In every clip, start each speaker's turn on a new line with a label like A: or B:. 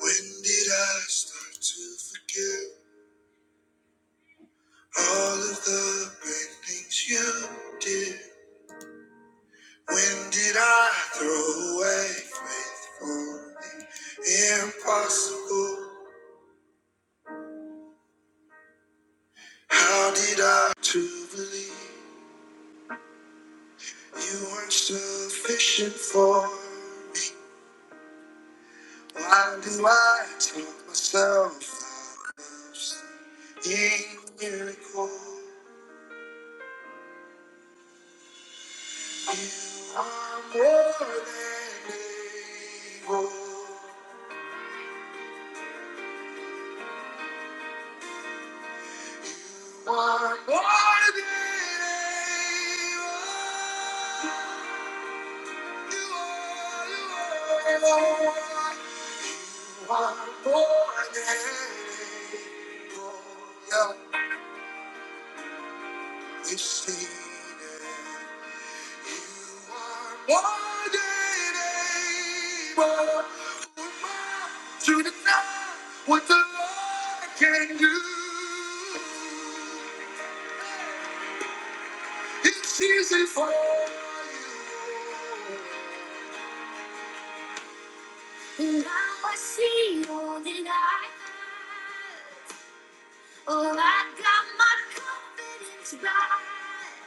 A: When did I start to forget all of the great things you did? When did I throw away faith for the impossible? How did I to believe you weren't sufficient for me? Why do I tell myself I love seeing miracles? I'm more than able. I'm more than able. You are, you are. You are more than able. Yeah, you've it. To deny what the Lord can do, it's easy for you. Now I see all that I have. Oh, I got my confidence back.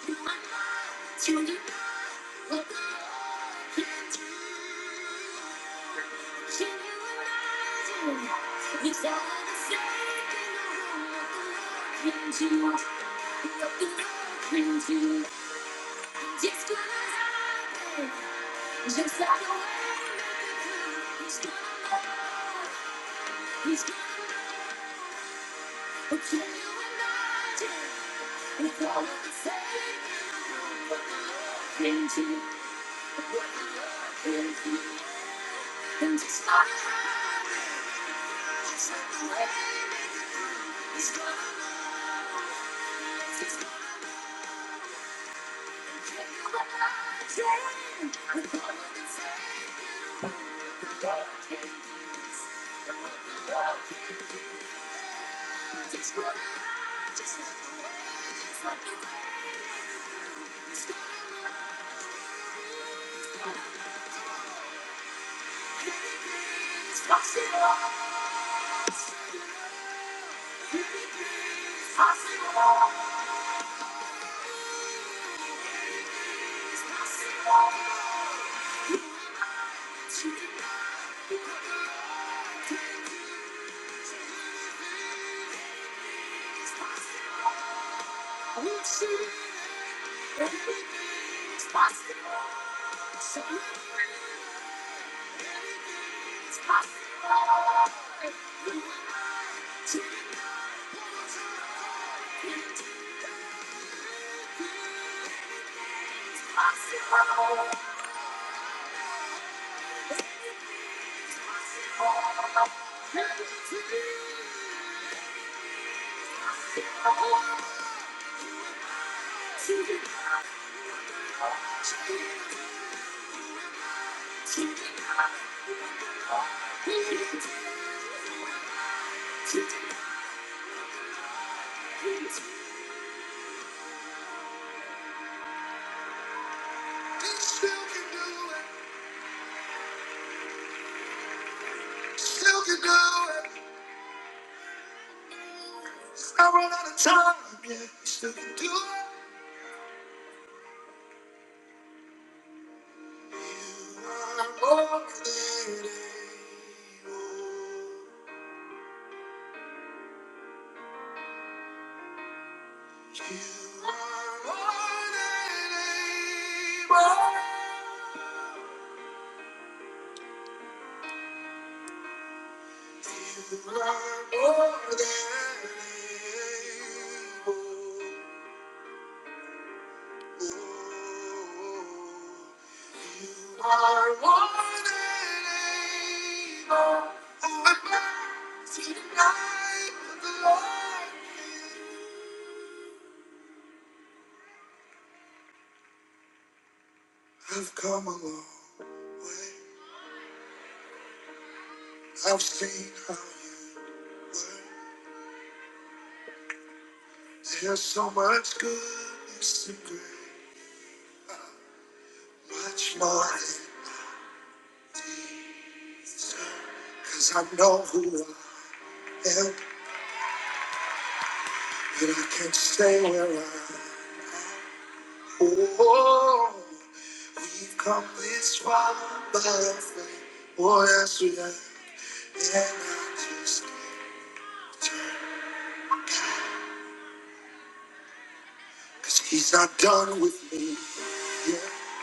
A: Can you imagine with all of the same people looking to, looking to, just gonna happen, just like the way it used to? He's gonna know, he's gonna know. Can you imagine with all of the same people looking to? It's gonna Everything is possible. So Still can do it. Still can do it. I run out of time, yeah, you still can do it. I'm more than able. You are more than able. You are more than able. You are more than able. I'm not tonight, but the Lord is. I've come a long way. I've seen how there's so much goodness and grace, much more. Cause I know who I am, and I can't stay where I am. Oh, we've come this far by faith. Oh, yes, we have. And I just can't. Cause he's not done with me. Yeah,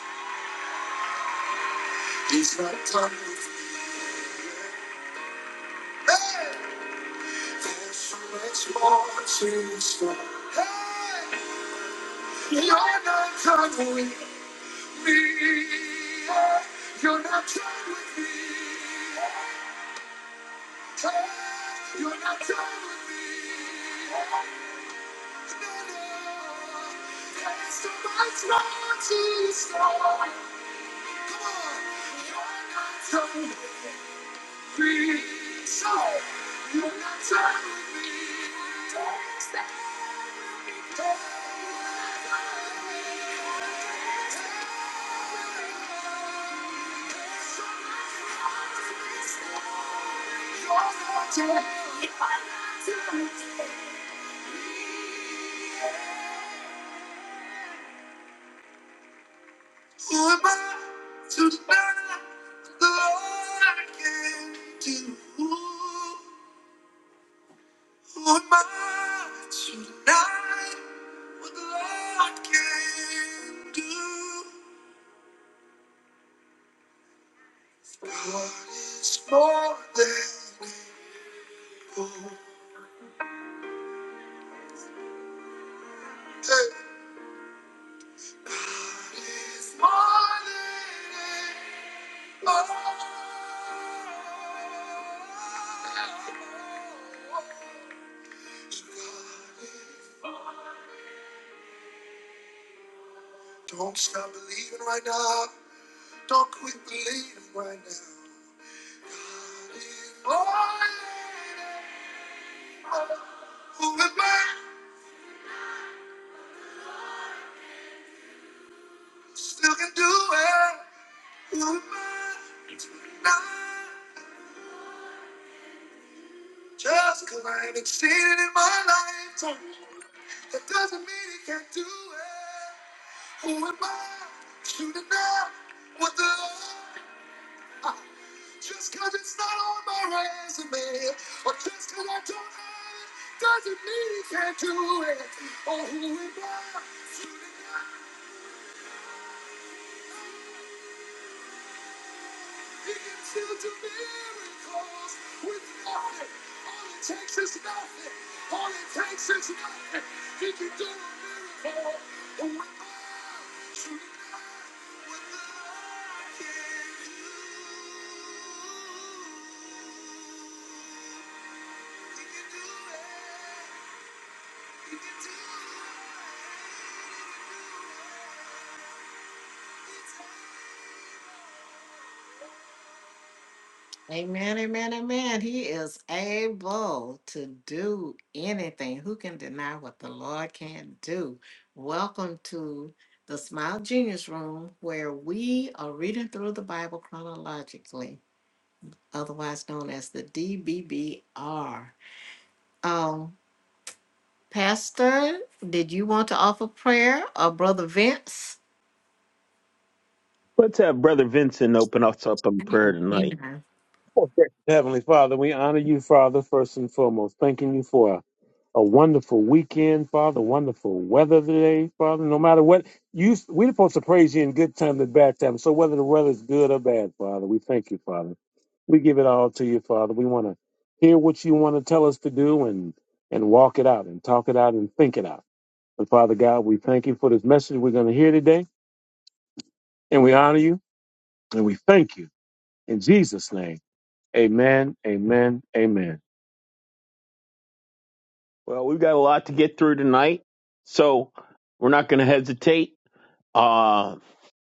A: he's not done with me. Hey! There's so much more to explore. Hey! You're not done with me. You're not done with me. Hey! You're not done with me. No, no. There's so much more to explore. Come on. You're not done with me. So, you're not done with me. Don't stop. Hey! Who am I tonight? What the Lord can do? Who am I tonight? What the Lord can do? What is more than all? What is more than enough? Don't stop believing right now. Don't quit believing right now. Oh, yeah. Who am I? Still can do it. Who am I? Not just 'cause I ain't exceeded in my life. That doesn't mean he can't do it. Who am I to deny what the Lord? Just because it's not on my resume, or just because I don't have it, doesn't mean he can't do it. Or who am I? Shooting up, he can still do miracles with nothing. All it takes is nothing. All it takes is nothing. He can do a miracle. Who am I? Shooting up what the Lord can do. Amen, amen, amen. He is able to do anything. Who can deny what the Lord can do? Welcome to the Smile Genius Room, where we are reading through the Bible chronologically, otherwise known as the DBBR. Um. Pastor, did you want to offer prayer or Brother Vince?
B: Let's have Brother Vincent open us up in prayer tonight.
A: Amen.
C: Heavenly Father, we honor you, Father, first and foremost, thanking you for a, a wonderful weekend, Father, wonderful weather today, Father. No matter what, you we're supposed to praise you in good times and bad times. So whether the weather is good or bad, Father, we thank you, Father. We give it all to you, Father. We want to hear what you want to tell us to do and and walk it out and talk it out and think it out. But Father God, we thank you for this message we're going to hear today, and we honor you and we thank you in Jesus' name. Amen. Amen. Amen.
B: Well, we've got a lot to get through tonight, so we're not going to hesitate. Uh,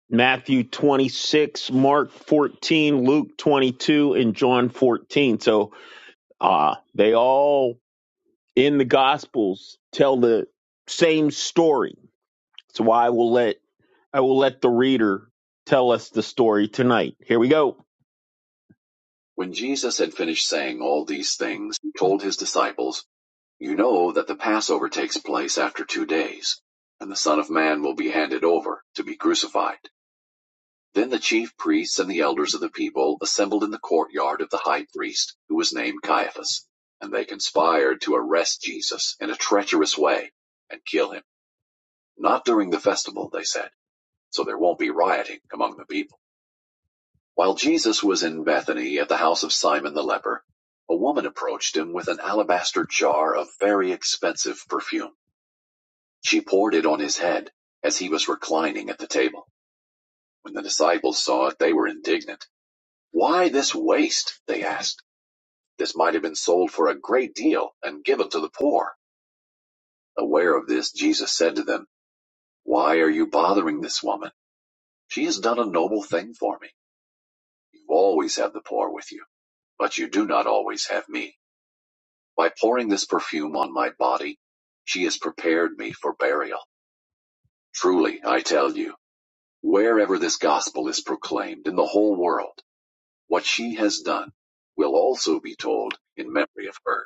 B: Matthew 26, Mark 14, Luke 22, and John 14. So uh, they all in the Gospels tell the same story. So I will let I will let the reader tell us the story tonight. Here we go. When Jesus had finished saying all these things, he told his disciples. You know that the Passover takes place after two days, and the Son of Man will be handed over to be crucified. Then the chief priests and the elders of the people assembled in the courtyard of the high priest, who was named Caiaphas, and they conspired to arrest Jesus in a treacherous way and kill him. Not during the festival, they said, so there won't be rioting among the people. While Jesus was in Bethany at the house of Simon the leper, a woman approached him with an alabaster jar of very expensive perfume. She poured it on his head, as he was reclining at the table. When the disciples saw it, they were indignant. Why this waste? They asked. This might have been sold for a great deal and given to the poor. Aware of this, Jesus said to them, Why are you bothering this woman? She has done a noble thing for me. You always have the poor with you, but you do not always have me. By pouring this perfume on my body, she has prepared me for burial. Truly, I tell you, Wherever this gospel is proclaimed in the whole world, what she has done will also be told in memory of her.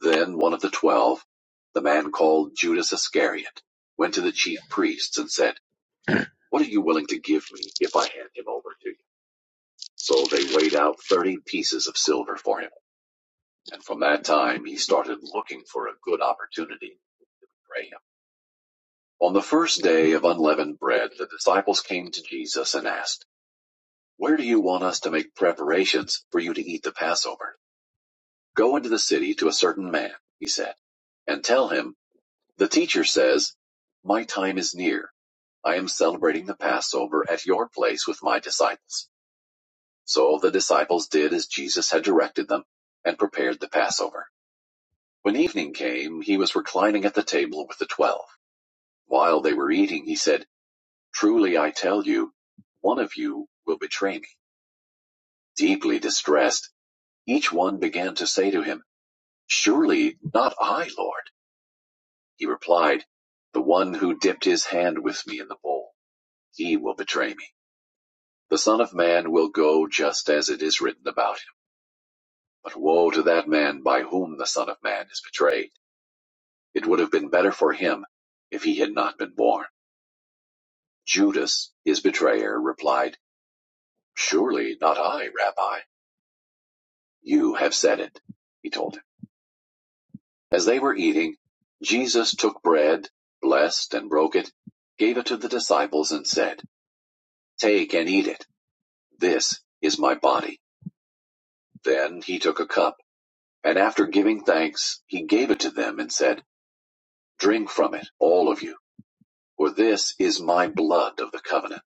B: Then one of the twelve, the man called Judas Iscariot, went to the chief priests and said, What are you willing to give me if I hand him over to you? So they weighed out thirty pieces of silver for him, and from that time he started looking for a good opportunity to betray him. On the first day of unleavened bread, the disciples came to Jesus and asked, Where do you want us to make preparations for you to eat the Passover? Go into the city to a certain man, he said, and tell him, The teacher says, My time is near. I am celebrating the Passover at your place with my disciples. So the disciples did as Jesus had directed them and prepared the Passover. When evening came, he was reclining at the table with the twelve. While they were eating, he said, Truly I tell you, one of you will betray me. Deeply distressed, Each one began to say to him, Surely not I, Lord. He replied, The one who dipped his hand with me in the bowl, he will betray me. The Son of Man will go just as it is written about him. But woe to that man by whom the Son of Man is betrayed. It would have been better for him if he had not been born. Judas, his betrayer, replied, Surely not I, Rabbi. You have said it, he told him. As they were eating, Jesus took bread, blessed and broke it, gave it to the disciples, and said, Take and eat it. This is my body. Then he took a cup, and after giving thanks, he gave it to them and said, Drink from it, all of you, for this is my blood of the covenant,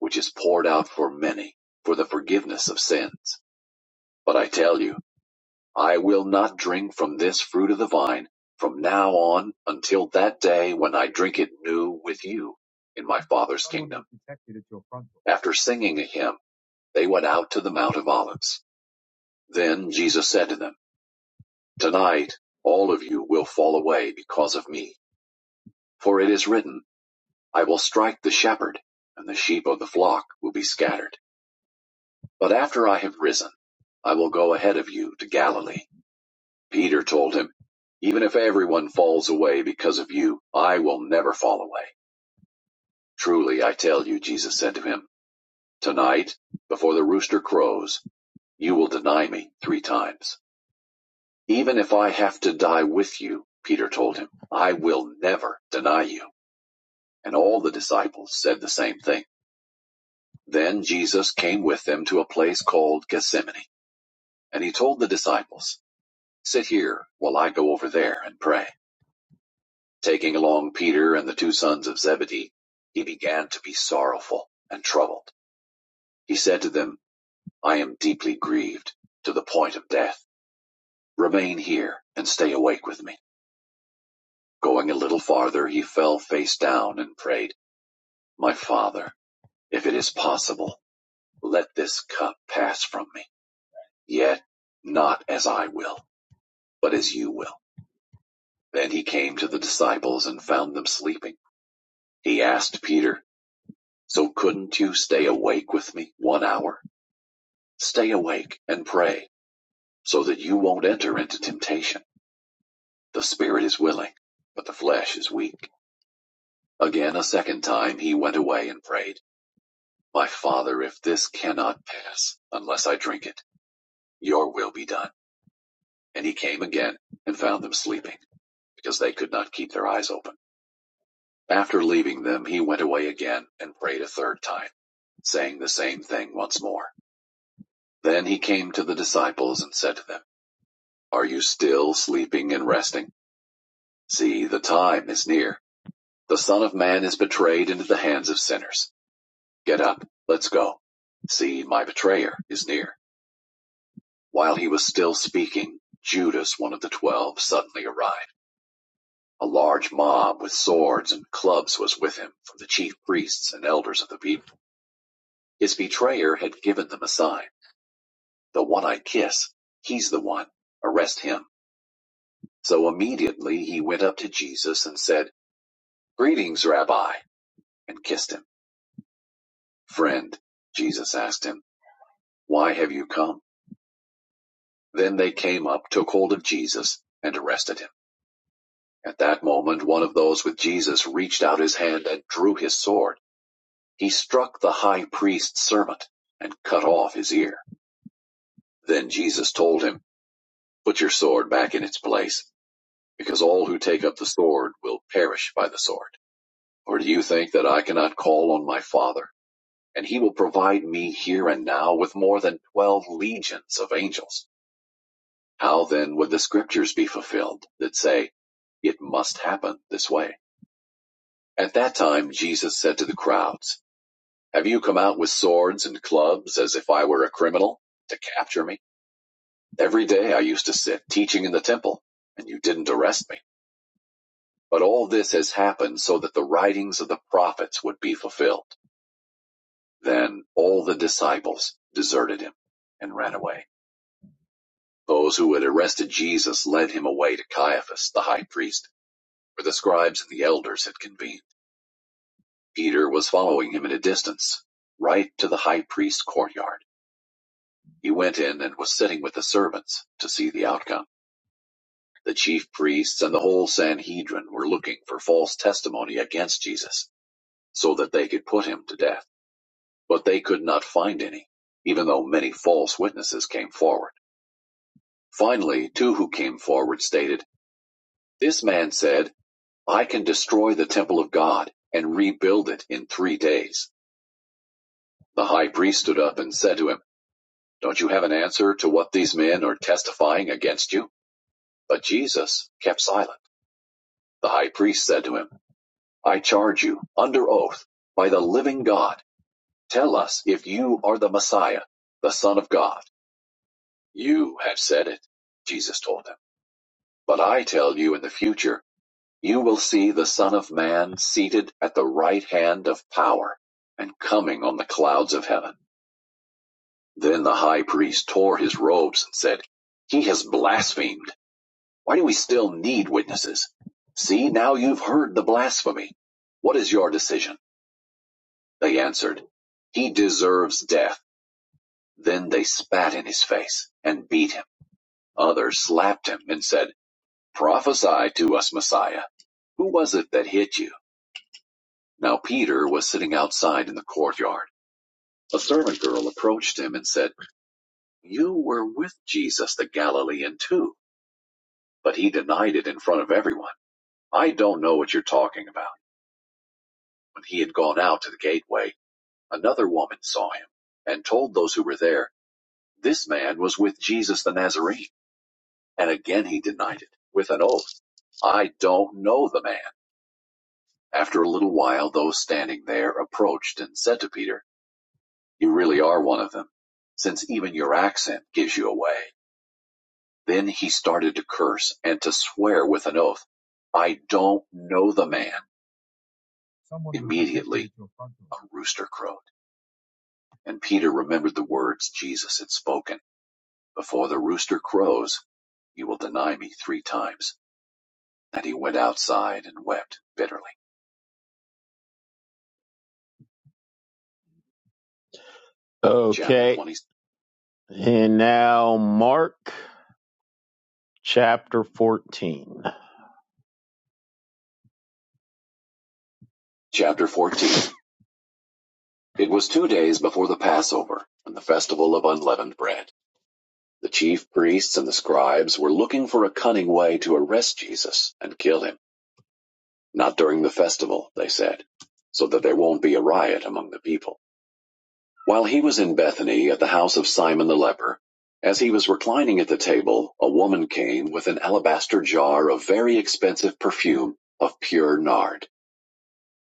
B: which is poured out for many for the forgiveness of sins. But I tell you, I will not drink from this fruit of the vine from now on until that day when I drink it new with you in my Father's. After singing a hymn, they went out to the Mount of Olives. Then Jesus said to them, Tonight all of you will fall away because of me. For it is written, I will strike the shepherd, and the sheep of the flock will be scattered. But after I have risen, I will go ahead of you to Galilee. Peter told him, Even if everyone falls away because of you, I will never fall away. Truly, I tell you, Jesus said to him, Tonight, before the rooster crows, you will deny me three times. Even if I have to die with you, Peter told him, I will never deny you. And all the disciples said the same thing. Then Jesus came with them to a place called Gethsemane, and he told the disciples, Sit here while I go over there and pray. Taking along Peter and the two sons of Zebedee, he began to be sorrowful and troubled. He said to them, I am deeply grieved to the point of death. Remain here and stay awake with me. Going a little farther, he fell face down and prayed, My father, if it is possible, let this cup pass from me. Yet not as I will, but as you will. Then he came to the disciples and found them sleeping. He asked Peter, So couldn't you stay awake with me one hour? Stay awake and pray, so that you won't enter into temptation. The spirit is willing, but the flesh is weak. Again, a second time, he went away and prayed, My father, if this cannot pass, unless I drink it, your will be done. And he came again and found them sleeping, because they could not keep their eyes open. After leaving them, he went away again and prayed a third time, saying the same thing once more. Then he came to the disciples and said to them, Are you still sleeping and resting? See, the time is near. The Son of Man is betrayed into the hands of sinners. Get up, let's go. See, my betrayer is near. While he was still speaking, Judas, one of the twelve, suddenly arrived. A large mob with swords and clubs was with him from the chief priests and elders of the people. His betrayer had given them a sign. The one I kiss, he's the one. Arrest him. So immediately he went up to Jesus and said, Greetings, Rabbi, and kissed him. Friend, Jesus asked him, Why have you come? Then they came up, took hold of Jesus, and arrested him. At that moment, one of those with Jesus reached out his hand and drew his sword. He struck the high priest's servant and cut off his ear. Then Jesus told him, Put your sword back in its place, because all who take up the sword will perish by the sword. Or do you think that I cannot call on my Father, and he will provide me here and now with more than twelve legions of angels? How then would the scriptures be fulfilled that say, it must happen this way? At that time, Jesus said to the crowds, Have you come out with swords and clubs as if I were a criminal to capture me? Every day I used to sit teaching in the temple, and you didn't arrest me. But all this has happened so that the writings of the prophets would be fulfilled. Then all the disciples deserted him and ran away. Those who had arrested Jesus led him away to Caiaphas, the high priest Where the scribes and the elders had convened, Peter was following him at a distance, right to the high priest's courtyard. He went in and was sitting with the servants to see the outcome. The chief priests and the whole Sanhedrin were looking for false testimony against Jesus so that they could put him to death, but they could not find any, even though many false witnesses came forward. Finally, two who came forward stated, This man said, 'I can destroy the temple of God and rebuild it in three days. The high priest stood up and said to him, Don't you have an answer to what these men are testifying against you? But Jesus kept silent. The high priest said to him, I charge you, under oath, by the living God, tell us if you are the Messiah, the Son of God. You have said it, Jesus told him. But I tell you in the future, you will see the Son of Man seated at the right hand of power and coming on the clouds of heaven. Then the high priest tore his robes and said, He has blasphemed. Why do we still need witnesses? See, now you've heard the blasphemy. What is your decision? They answered, He deserves death. Then they spat in his face and beat him. Others slapped him and said, Prophesy to us, Messiah. Who was it that hit you? Now Peter was sitting outside in the courtyard. A servant girl approached him and said, You were with Jesus the Galilean too. But he denied it in front of everyone. I don't know what you're talking about. When he had gone out to the gateway, another woman saw him and told those who were there, this man was with Jesus the Nazarene. And again he denied it with an oath. I don't know the man. After a little while, those standing there approached and said to Peter, you really are one of them, since even your accent gives you away. Then he started to curse and to swear with an oath. I don't know the man, rooster crowed. And Peter remembered the words Jesus had spoken Before the rooster crows, you will deny me three times. And he went outside and wept bitterly. Chapter Okay. Chapter 20, And now Mark chapter 14. Chapter 14. It was two days before the Passover and the festival of unleavened bread. The chief priests and the scribes were looking for a cunning way to arrest Jesus and kill him. Not during the festival, they said, so that there won't be a riot among the people. While he was in Bethany at the house of Simon the leper, as he was reclining at the table, a woman came with an alabaster jar of very expensive perfume of pure nard.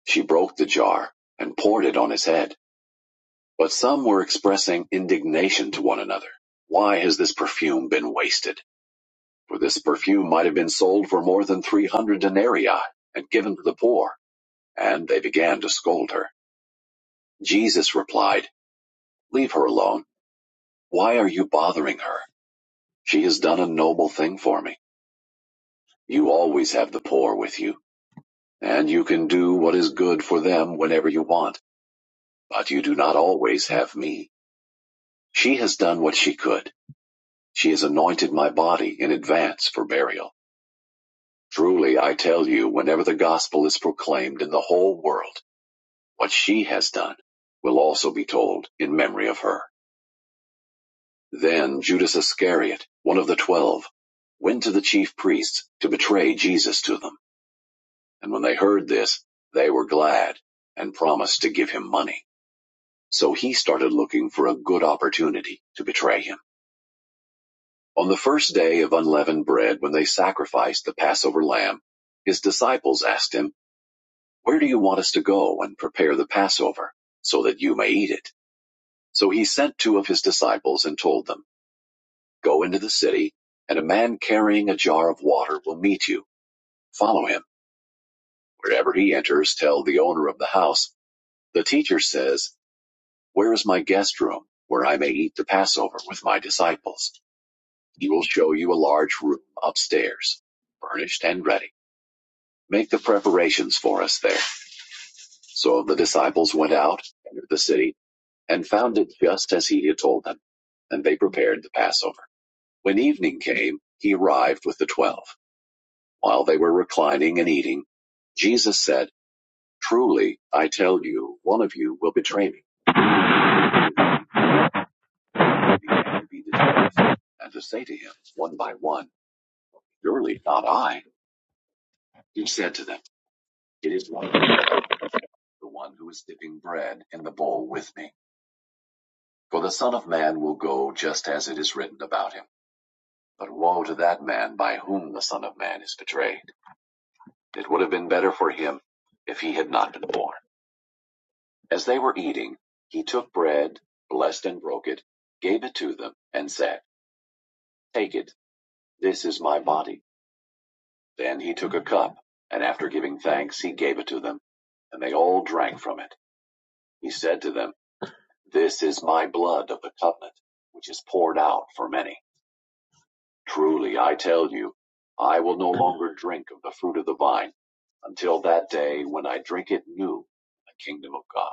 B: She broke the jar and poured it on his head. But some were expressing indignation to one another. Why has this perfume been wasted? For this perfume might have been sold for more than 300 denarii and given to the poor. And they began to scold her. Jesus replied, Leave her alone. Why are you bothering her? She has done a noble thing for me. You always have the poor with you, and you can do what is good for them whenever you want, but you do not always have me. She has done what she could. She has anointed my body in advance for burial. Truly, I tell you, whenever the gospel is proclaimed in the whole world, what she has done will also be told in memory of her. Then Judas Iscariot, one of the twelve, went to the chief priests to betray Jesus to them. And when they heard this, they were glad and promised to give him money. So he started looking for a good opportunity to betray him. On the first day of unleavened bread, when they sacrificed the Passover lamb, his disciples asked him, Where do you want us to go and prepare the Passover so that you may eat it? So he sent two of his disciples and told them, Go into the city, and a man carrying a jar of water will meet you. Follow him. Wherever he enters, tell the owner of the house, 'The teacher says, Where is my guest room, where I may eat the Passover with my disciples? He will show you a large room upstairs, furnished and ready. Make the preparations for us there. So the disciples went out, entered the city, and found it just as he had told them. And they prepared the Passover. When evening came, he arrived with the twelve. While they were reclining and eating, Jesus said, Truly, I tell you, one of you will betray me. He Began to be dismissed, and to say to him, one by one, Surely not I, he said to them. It is one, the one who is dipping bread in the bowl with me. For the Son of Man will go just as it is written about him. But woe to that man by whom the Son of Man is betrayed. It would have been better for him if he had not been born. As they were eating, he took bread, blessed and broke it, gave it to them, and said, Take it, this is my body. Then he took a cup, and after giving thanks, he gave it to them, and they all drank from it. He said to them, This is my blood of the covenant, which is poured out for many. Truly, I tell you, I will no longer drink of the fruit of the vine until that day when I drink it new in the kingdom of God.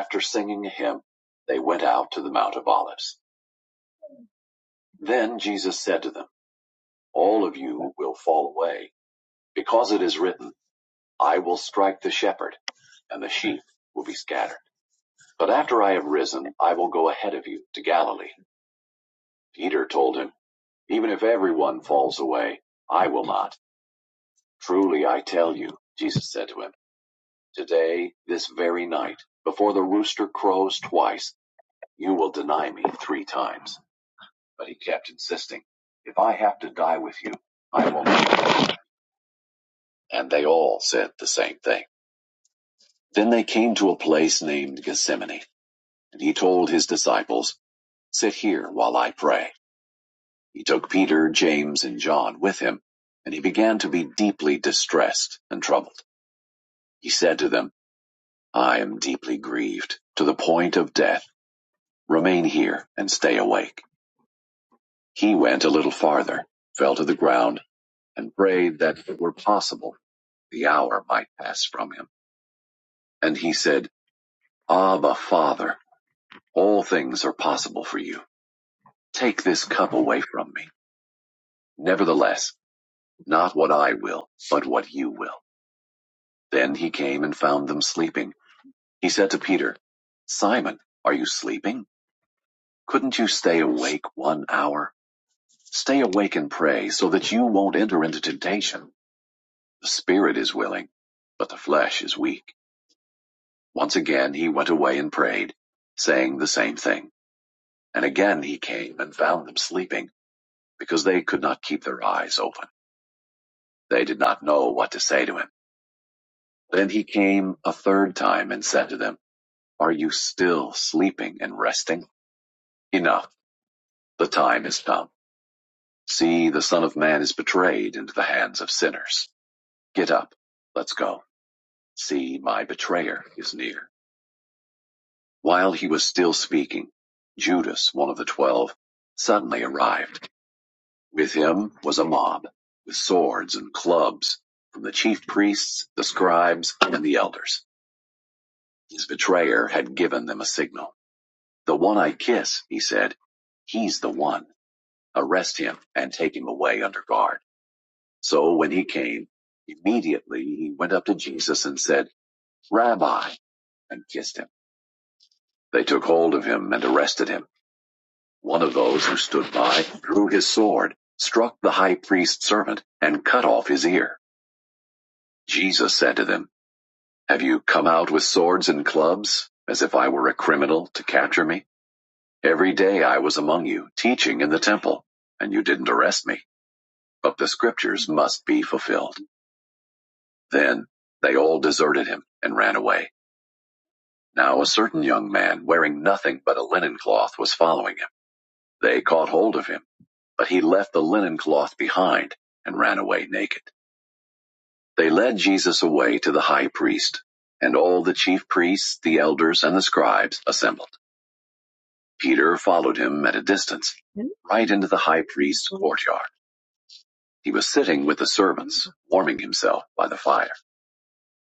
B: After singing a hymn, they went out to the Mount of Olives. Then Jesus said to them, All of you will fall away, because it is written, I will strike the shepherd, and the sheep will be scattered. But after I have risen, I will go ahead of you to Galilee. Peter told him, Even if everyone falls away, I will not. Truly I tell you, Jesus said to him, today, this very night, before the rooster crows twice, you will deny me three times. But he kept insisting, if I have to die with you, I will not. And they all said the same thing. Then they came to a place named Gethsemane, and he told his disciples, sit here while I pray. He took Peter, James, and John with him, and he began to be deeply distressed and troubled. He said to them, I am deeply grieved, to the point of death. Remain here and stay awake. He went a little farther, fell to the ground, and prayed that if it were possible, the hour might pass from him. And he said, Abba, Father, all things are possible for you. Take this cup away from me. Nevertheless, not what I will, but what you will. Then he came and found them sleeping. He said to Peter, Simon, are you sleeping? Couldn't you stay awake one hour? Stay awake and pray so that you won't enter into temptation. The spirit is willing, but the flesh is weak. Once again he went away and prayed, saying the same thing. And again he came and found them sleeping, because they could not keep their eyes open. They did not know what to say to him. Then he came a third time and said to them, Are you still sleeping and resting? Enough, the time is come. See, the Son of Man is betrayed into the hands of sinners. Get up, let's go. See, my betrayer is near. While he was still speaking, Judas, one of the twelve, suddenly arrived. With him was a mob, with swords and clubs, from the chief priests, the scribes, and the elders. His betrayer had given them a signal. The one I kiss, he said, he's the one. Arrest him and take him away under guard. So when he came, immediately he went up to Jesus and said, Rabbi, and kissed him. They took hold of him and arrested him. One of those who stood by drew his sword, struck the high priest's servant, and cut off his ear. Jesus said to them, Have you come out with swords and clubs, as if I were a criminal, to capture me? Every day I was among you, teaching in the temple, and you didn't arrest me, but the scriptures must be fulfilled. Then they all deserted him and ran away. Now a certain young man, wearing nothing but a linen cloth, was following him. They caught hold of him But he left the linen cloth behind and ran away naked. They led Jesus away to the high priest, and all the chief priests, the elders, and the scribes assembled. Peter followed him at a distance, right into the high priest's courtyard. He was sitting with the servants, warming himself by the fire.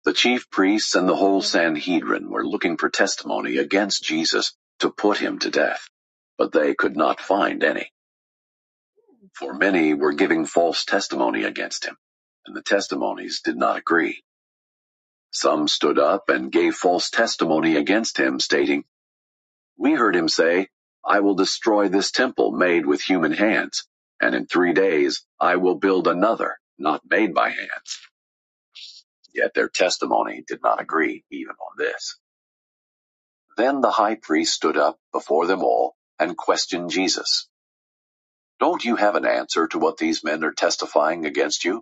B: The chief priests and the whole Sanhedrin were looking for testimony against Jesus to put him to death, but they could not find any. For many were giving false testimony against him, and the testimonies did not agree. Some stood up and gave false testimony against him, stating, We heard him say, 'I will destroy this temple made with human hands, and in three days I will build another not made by hands. Yet their testimony did not agree even on this. Then the high priest stood up before them all and questioned Jesus. Don't you have an answer to what these men are testifying against you?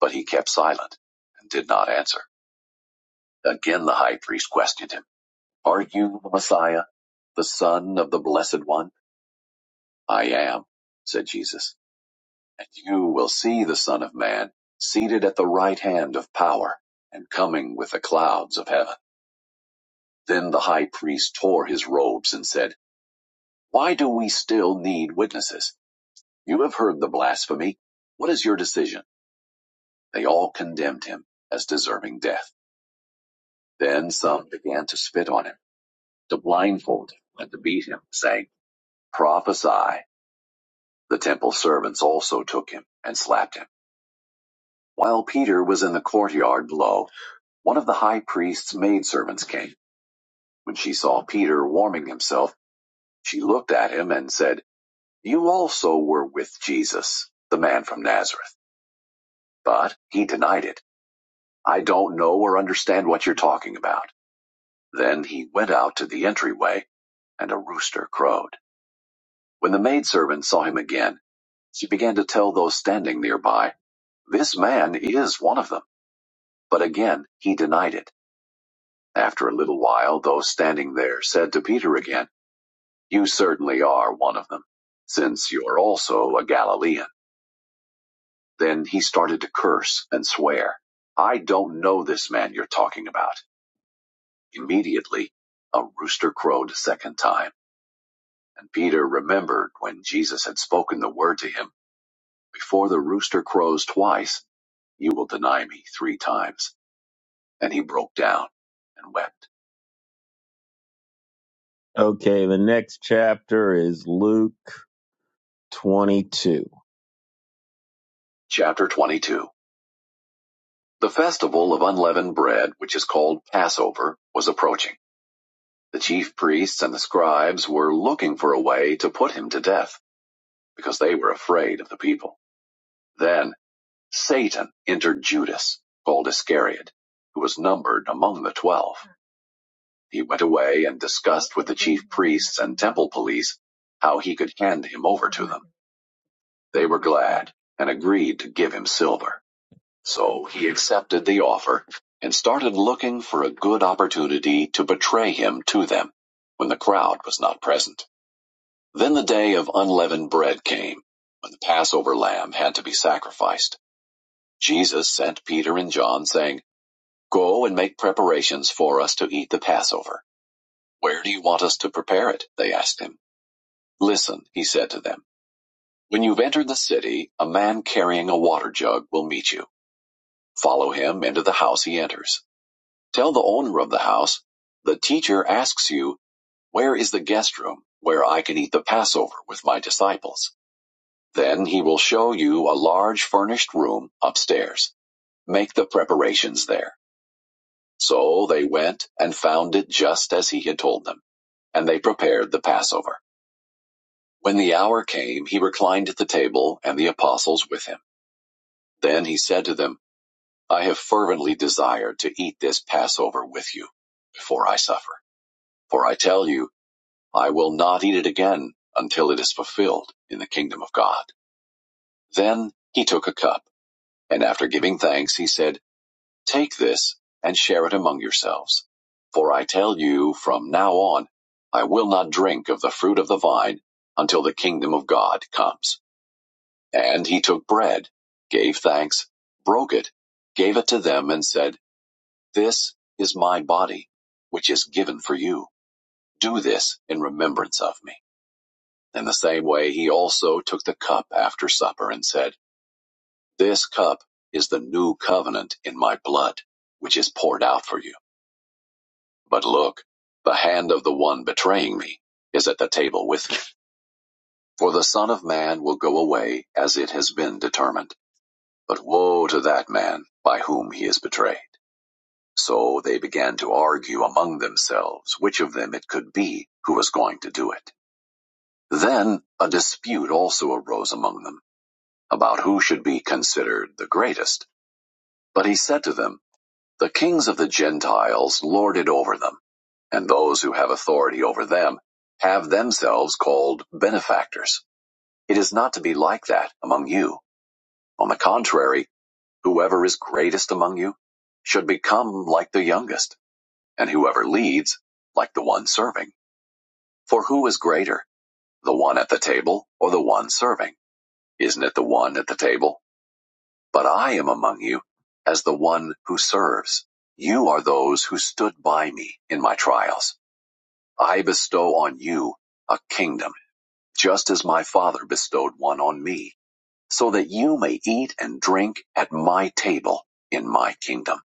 B: But he kept silent and did not answer. Again the high priest questioned him, Are you the Messiah, the Son of the Blessed One? I am, said Jesus. And you will see the Son of Man seated at the right hand of power and coming with the clouds of heaven. Then the high priest tore his robes and said, Why do we still need witnesses? You have heard the blasphemy. What is your decision? They all condemned him as deserving death. Then some began to spit on him to blindfold him and to beat him, saying, Prophesy. The temple servants also took him and slapped him. While Peter was in the courtyard below, one of the high priest's maidservants came. When she saw Peter warming himself, she looked at him and said, You also were with Jesus, the man from Nazareth. But he denied it. I don't know or understand what you're talking about. Then he went out to the entryway, and a rooster crowed. When the maidservant saw him again, She began to tell those standing nearby, This man is one of them. But again he denied it. After a little while, those standing there said to Peter again, You certainly are one of them, since you're also a Galilean. Then he started to curse and swear, I don't know this man you're talking about. Immediately, a rooster crowed a second time, and Peter remembered when Jesus had spoken the word to him, Before the rooster crows twice, you will deny me three times. and he broke down and wept. Okay, the next chapter is Luke 22. Chapter 22 The festival of unleavened bread, which is called Passover, was approaching. The chief priests and the scribes were looking for a way to put him to death because they were afraid of the people. Then Satan entered Judas, called Iscariot, who was numbered among the twelve. He went away and discussed with the chief priests and temple police how he could hand him over to them. They were glad and agreed to give him silver. So he accepted the offer and started looking for a good opportunity to betray him to them when the crowd was not present. Then the day of unleavened bread came when the Passover lamb had to be sacrificed. Jesus sent Peter and John saying, Go and make preparations for us to eat the Passover. Where do you want us to prepare it? They asked him. Listen, he said to them. When you've entered the city, a man carrying a water jug will meet you. Follow him into the house he enters. Tell the owner of the house, The teacher asks you, Where is the guest room where I can eat the Passover with my disciples? Then he will show you a large furnished room upstairs. Make the preparations there. So they went and found it just as he had told them, and they prepared the Passover. When the hour came, he reclined at the table and the apostles with him. Then he said to them, I have fervently desired to eat this Passover with you before I suffer. For I tell you, I will not eat it again until it is fulfilled in the kingdom of God. Then he took a cup, and after giving thanks, he said, Take this and share it among yourselves. For I tell you, from now on, I will not drink of the fruit of the vine until the kingdom of God comes. And he took bread, gave thanks, broke it, gave it to them, and said, This is my body, which is given for you. Do this in remembrance of me. In the same way, he also took the cup after supper and said, This cup is the new covenant in my blood, which is poured out for you. But look, the hand of the one betraying me is at the table with me. For the Son of Man will go away as it has been determined. But woe to that man by whom he is betrayed. So they began to argue among themselves which of them it could be who was going to do it. Then a dispute also arose among them about who should be considered the greatest. But he said to them, The kings of the Gentiles lord it over them, and those who have authority over them have themselves called benefactors. It is not to be like that among you. On the contrary, whoever is greatest among you should become like the youngest And whoever leads, like the one serving. For who is greater, the one at the table or the one serving? Isn't it the one at the table? But I am among you as the one who serves. You are those who stood by me in my trials. I bestow on you a kingdom, just as my Father bestowed one on me, so that you may eat and drink at my table in my kingdom.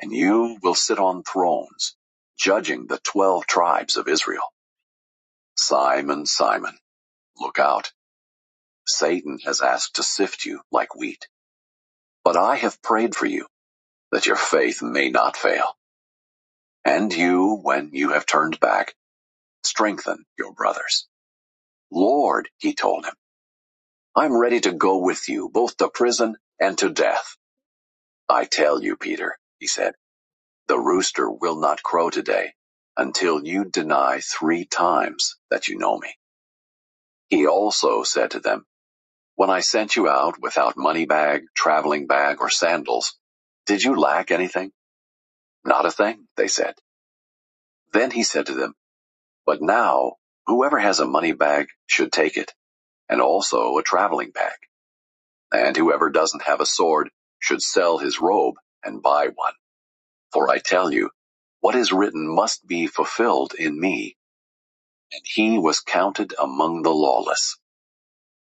B: And you will sit on thrones, judging the twelve tribes of Israel. Simon, Simon, look out. Satan has asked to sift you like wheat. But I have prayed for you, that your faith may not fail. And you, when you have turned back, strengthen your brothers. Lord, he told him, I'm ready to go with you, both to prison and to death. I tell you, Peter, he said, the rooster will not crow today until you deny three times that you know me. He also said to them, When I sent you out without money bag, traveling bag, or sandals, did you lack anything? Not a thing, they said. Then he said to them, But now, whoever has a money bag should take it, and also a traveling bag. And whoever doesn't have a sword should sell his robe and buy one. For I tell you, what is written must be fulfilled in me. And he was counted among the lawless.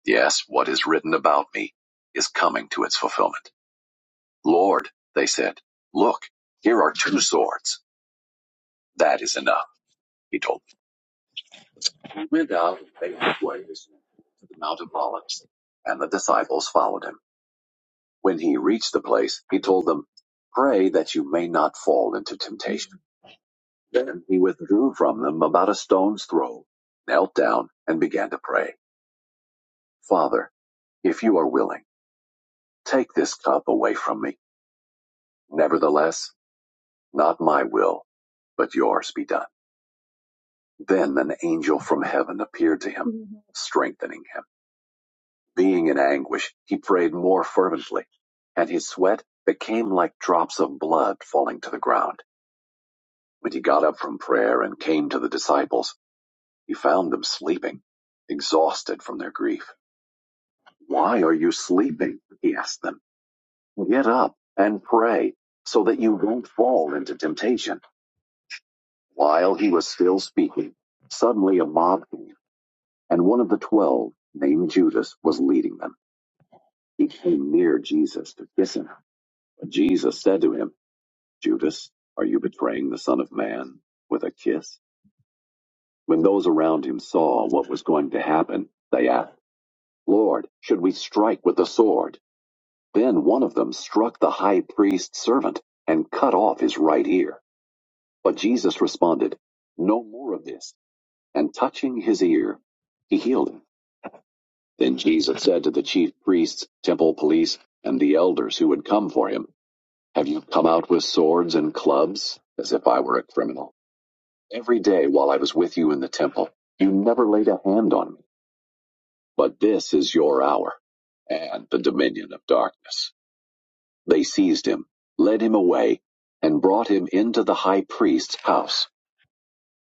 B: Yes, what is written about me is coming to its fulfillment. Lord, they said, look, here are two swords. That is enough, he told them. He Went out and they went ways to the Mount of Olives, and the disciples followed him. When he reached the place, he told them, pray that you may not fall into temptation. Then he withdrew from them about a stone's throw, knelt down and began to pray. Father, if you are willing, take this cup away from me. Nevertheless, not my will, but yours be done. Then an angel from heaven appeared to him, Mhm. strengthening him. Being in anguish, he prayed more fervently, and his sweat became like drops of blood falling to the ground. When he got up from prayer and came to the disciples, he found them sleeping, exhausted from their grief. Why are you sleeping? He asked them. Get up and pray so that you won't fall into temptation. While he was still speaking, suddenly a mob came And one of the twelve, named Judas, was leading them. He came near Jesus to kiss him. But Jesus said to him, Judas, are you betraying the Son of Man with a kiss? When those around him saw what was going to happen, they asked, Lord, should we strike with the sword? Then one of them struck the high priest's servant and cut off his right ear. But Jesus responded, No more of this. And touching his ear, he healed him. Then Jesus said to the chief priests, temple police, and the elders who had come for him, Have you come out with swords and clubs? As if I were a criminal. Every day while I was with you in the temple, you never laid a hand on me. But this is your hour and the dominion of darkness. They seized him, led him away, and brought him into the high priest's house.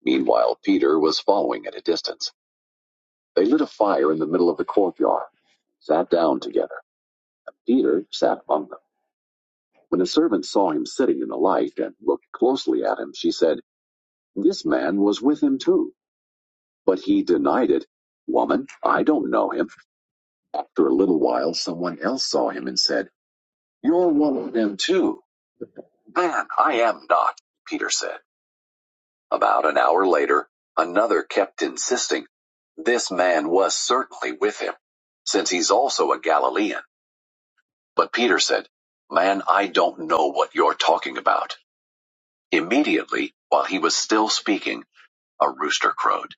B: Meanwhile, Peter was following at a distance. They lit a fire in the middle of the courtyard, sat down together. and Peter sat among them. When the servant saw him sitting in the light and looked closely at him, she said, This man was with him too. But he denied it. Woman, I don't know him. After a little while, someone else saw him and said, You're one of them too. Man, I am not, Peter said. About an hour later, another kept insisting, This man was certainly with him, since he's also a Galilean. But Peter said, Man, I don't know what you're talking about. Immediately, while he was still speaking, a rooster crowed.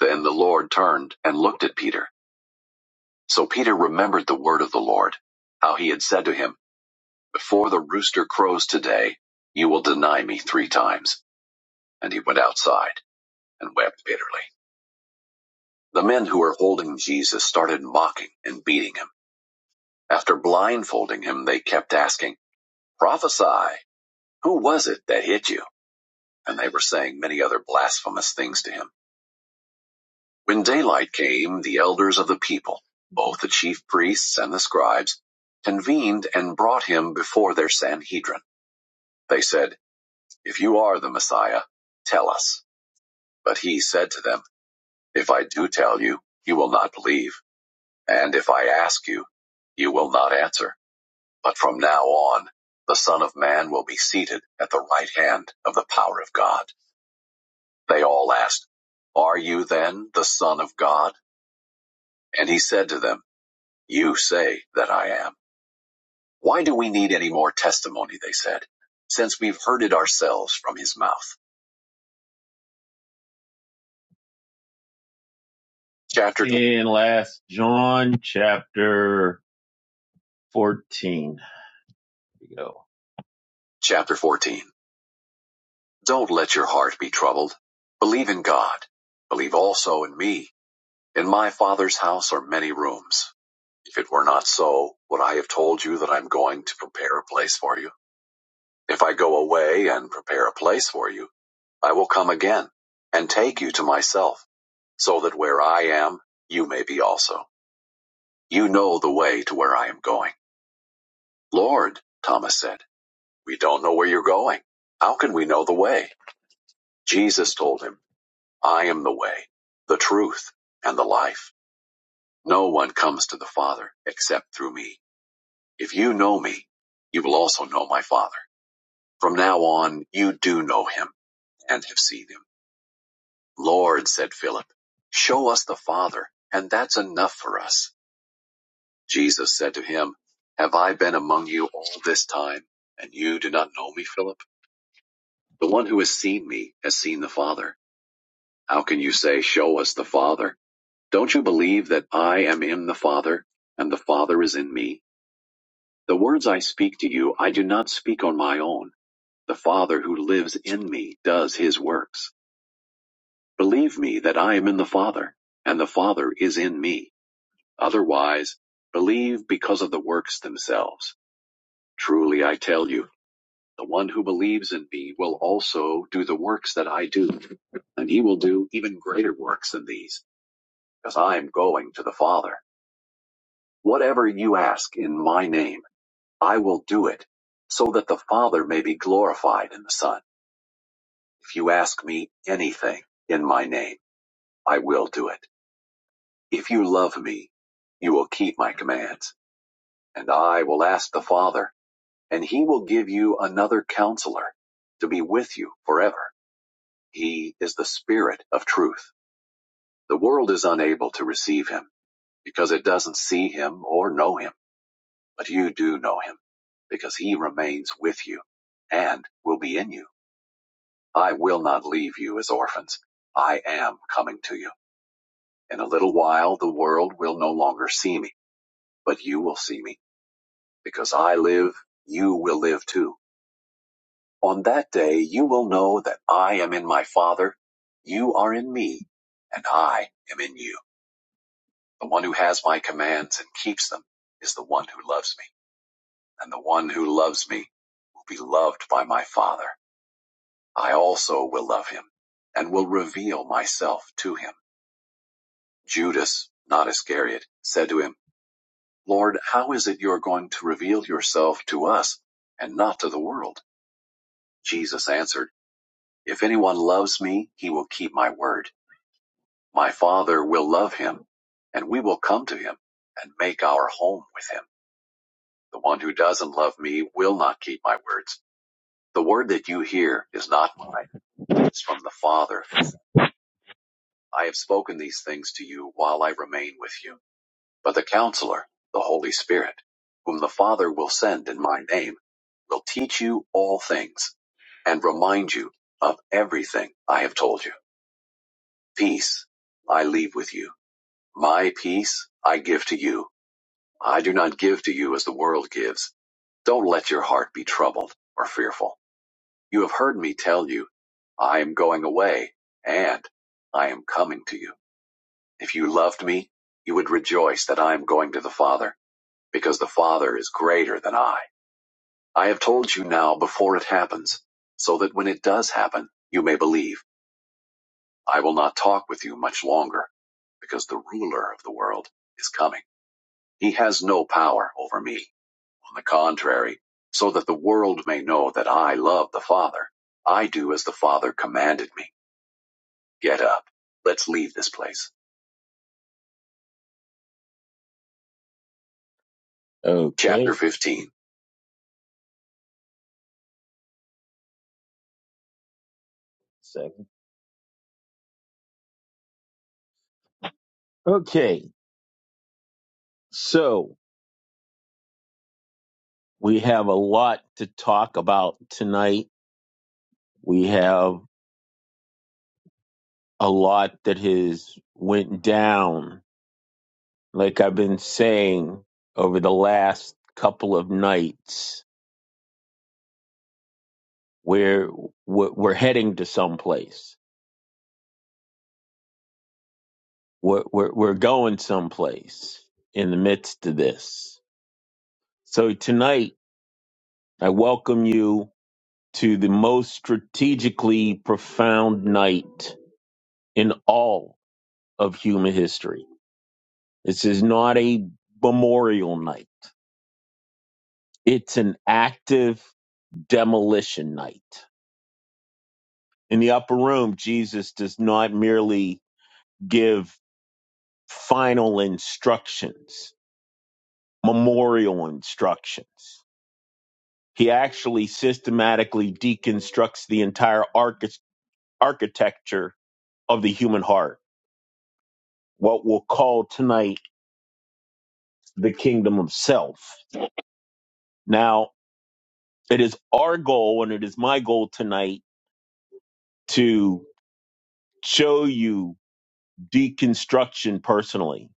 B: Then the Lord turned and looked at Peter. So Peter remembered the word of the Lord, how he had said to him, Before the rooster crows today, you will deny me three times. And he went outside and wept bitterly. The men who were holding Jesus started mocking and beating him. After blindfolding him, they kept asking, Prophesy, who was it that hit you? And they were saying many other blasphemous things to him. When daylight came, the elders of the people, both the chief priests and the scribes, convened and brought him before their Sanhedrin. They said, If you are the Messiah, tell us. But he said to them, If I do tell you, you will not believe. And if I ask you, you will not answer. But from now on, the Son of Man will be seated at the right hand of the power of God. They all asked, Are you then the Son of God? And he said to them, You say that I am. Why do we need any more testimony? They said, since we've heard it ourselves from his mouth. Chapter In last John chapter 14. Here we go. Chapter 14. Don't let your heart be troubled. Believe in God. Believe also in me. In my Father's house are many rooms. If it were not so, would I have told you that I'm going to prepare a place for you? If I go away and prepare a place for you, I will come again and take you to myself, so that where I am, you may be also. You know the way to where I am going. Lord, Thomas said, we don't know where you're going. How can we know the way? Jesus told him, I am the way, the truth, and the life. No one comes to the Father except through me. If you know me, you will also know my Father. From now on, you do know him and have seen him. Lord, said Philip, show us the Father, and that's enough for us. Jesus said to him, Have I been among you all this time, and you do not know me, Philip? The one who has seen me has seen the Father. How can you say, Show us the Father? Don't you believe that I am in the Father, and the Father is in me? The words I speak to you, I do not speak on my own. The Father who lives in me does his works. Believe me that I am in the Father, and the Father is in me. Otherwise, believe because of the works themselves. Truly I tell you, the one who believes in me will also do the works that I do, and he will do even greater works than these, because I am going to the Father. Whatever you ask in my name, I will do it, so that the Father may be glorified in the Son. If you ask me anything in my name, I will do it. If you love me, you will keep my commands, and I will ask the Father And he will give you another counselor to be with you forever. He is the Spirit of truth. The world is unable to receive him because it doesn't see him or know him. But you do know him because he remains with you and will be in you. I will not leave you as orphans. I am coming to you. In a little while, the world will no longer see me, but you will see me because I live. You will live too. On that day you will know that I am in my Father, you are in me, and I am in you. The one who has my commands and keeps them is the one who loves me, and the one who loves me will be loved by my Father. I also will love him, and will reveal myself to him. Judas, not Iscariot, said to him, Lord, how is it you are going to reveal yourself to us and not to the world? Jesus answered, If anyone loves me, he will keep my word My Father will love him, and we will come to him and make our home with him. The one who doesn't love me will not keep my words. The word that you hear is not mine, it's from the Father. I have spoken these things to you while I remain with you. But the Counselor, the Holy Spirit, whom the Father will send in my name, will teach you all things and remind you of everything I have told you. Peace I leave with you. My peace I give to you. I do not give to you as the world gives. Don't let your heart be troubled or fearful. You have heard me tell you, I am going away and I am coming to you. If you loved me, you would rejoice that I am going to the Father because the Father is greater than I. I have told you now before it happens so that when it does happen, you may believe I will not talk with you much longer because the ruler of the world is coming. He has no power over me On the contrary, so that the world may know that I love the Father, I do as the Father commanded me. Get up. Let's leave this place. Okay. Chapter 15. Second. Okay. So we have a lot to talk about tonight. We have a lot that has went down, like I've been saying over the last couple of nights. where we're we're heading to someplace. We're, we're, we're going someplace in the midst of this. So tonight, I welcome you to the most strategically profound night in all of human history. This is not a memorial night. It's an active demolition night. In the upper room, Jesus does not merely give final instructions, memorial instructions. He actually systematically deconstructs the entire archi- architecture of the human heart, what we'll call tonight the kingdom of self. Now, it is our goal and it is my goal tonight to show you deconstruction personally.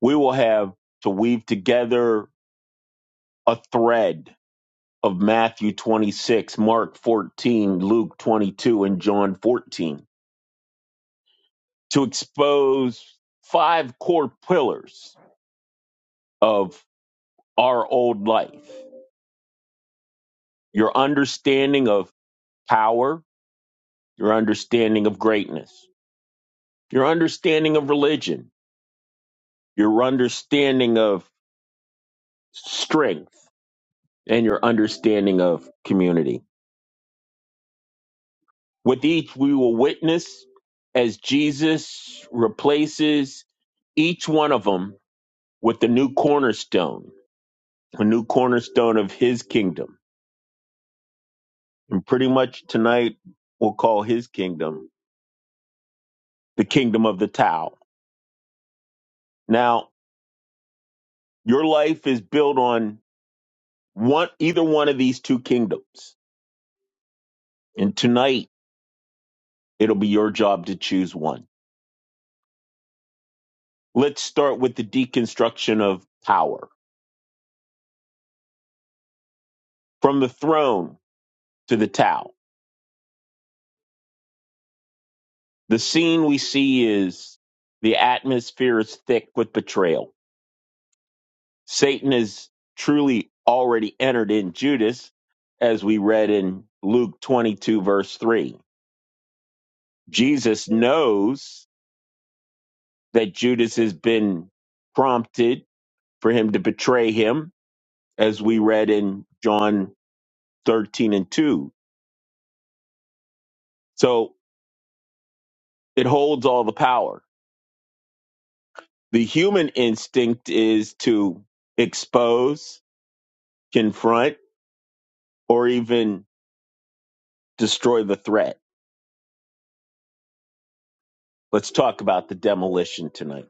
B: We will have to weave together a thread of Matthew 26, Mark 14, Luke 22, and John 14 to expose five core pillars of our old life your understanding of power, your understanding of greatness, your understanding of religion, your understanding of strength, and your understanding of community. With each, we will witness as Jesus replaces each one of them with the new cornerstone, a new cornerstone of his kingdom Pretty much tonight, we'll call his kingdom the kingdom of the Tao. Now, your life is built on one, either one of these two kingdoms. And tonight, it'll be your job to choose one. Let's start with the deconstruction of power from the throne to the Tao. The scene we see is the atmosphere is thick with betrayal. Satan has truly already entered in Judas, as we read in Luke 22, verse 3. Jesus knows that Judas has been prompted for him to betray him, as we read in John 13 and 2. So it holds all the power. The human instinct is to expose, confront, or even destroy the threat. Let's talk about the demolition tonight.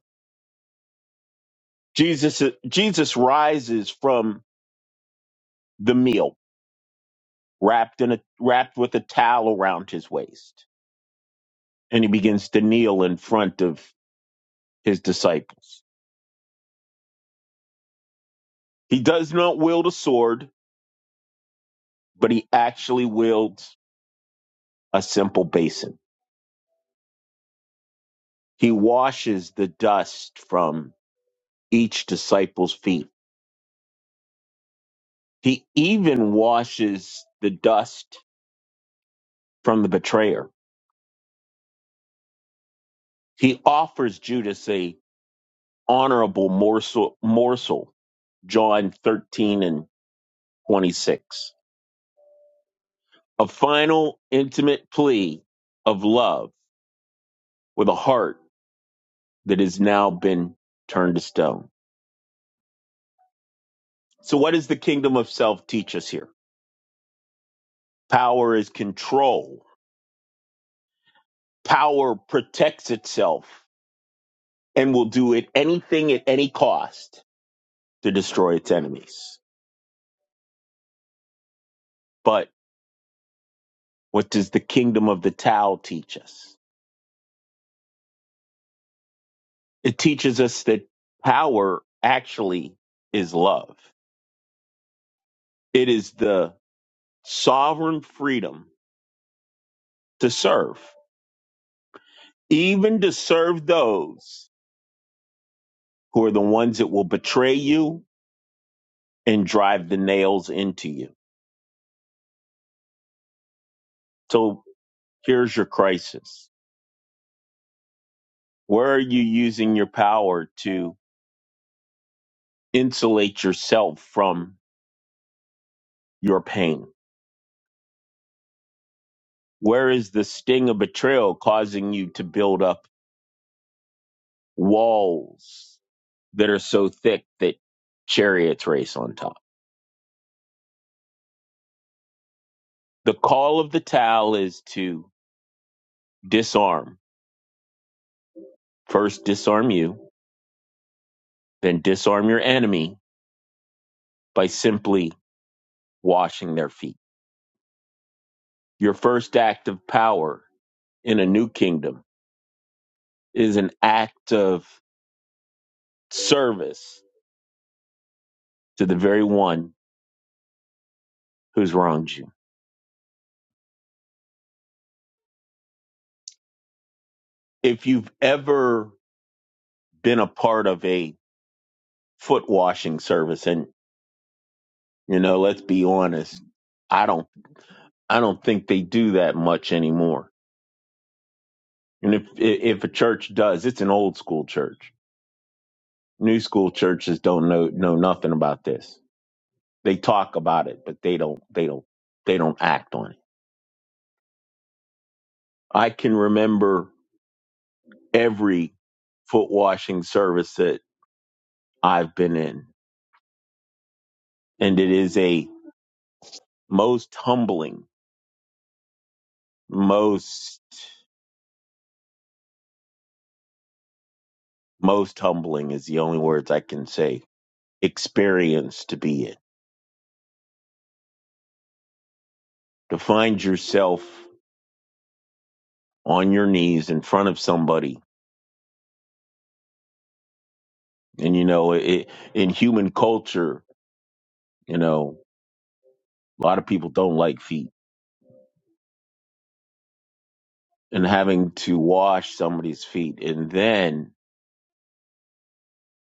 B: Jesus Jesus rises from the meal, wrapped in a wrapped with a towel around his waist and he begins to kneel in front of his disciples. He does not wield a sword, but he actually wields a simple basin. He washes the dust from each disciple's feet. He even washes the dust from the betrayer. He offers Judas a honorable morsel, morsel John 13 and 26. A final intimate plea of love with a heart that has now been turned to stone. So, what does the kingdom of self teach us here? Power is control, power protects itself and will do it anything at any cost to destroy its enemies. But what does the kingdom of the Tao teach us? It teaches us that power actually is love. It is the sovereign freedom to serve, even to serve those who are the ones that will betray you and drive the nails into you. So here's your crisis. Where are you using your power to insulate yourself from your pain? Where is the sting of betrayal causing you to build up walls that are so thick that chariots race on top? The call of the towel is to disarm. First, disarm you, then disarm your enemy by simply washing their feet. Your first act of power in a new kingdom is an act of service to the very one who's wronged you. If you've ever been a part of a foot washing service, and you know, let's be honest, I don't, I don't think they do that much anymore. And if if a church does, it's an old school church. New school churches don't know know nothing about this. They talk about it, but they don't they don't they don't act on it. I can remember every foot washing service that I've been in. And it is a most humbling, most, most humbling is the only words I can say experience to be in. To find yourself on your knees in front of somebody. And, you know, it, in human culture, you know, a lot of people don't like feet and having to wash somebody's feet and then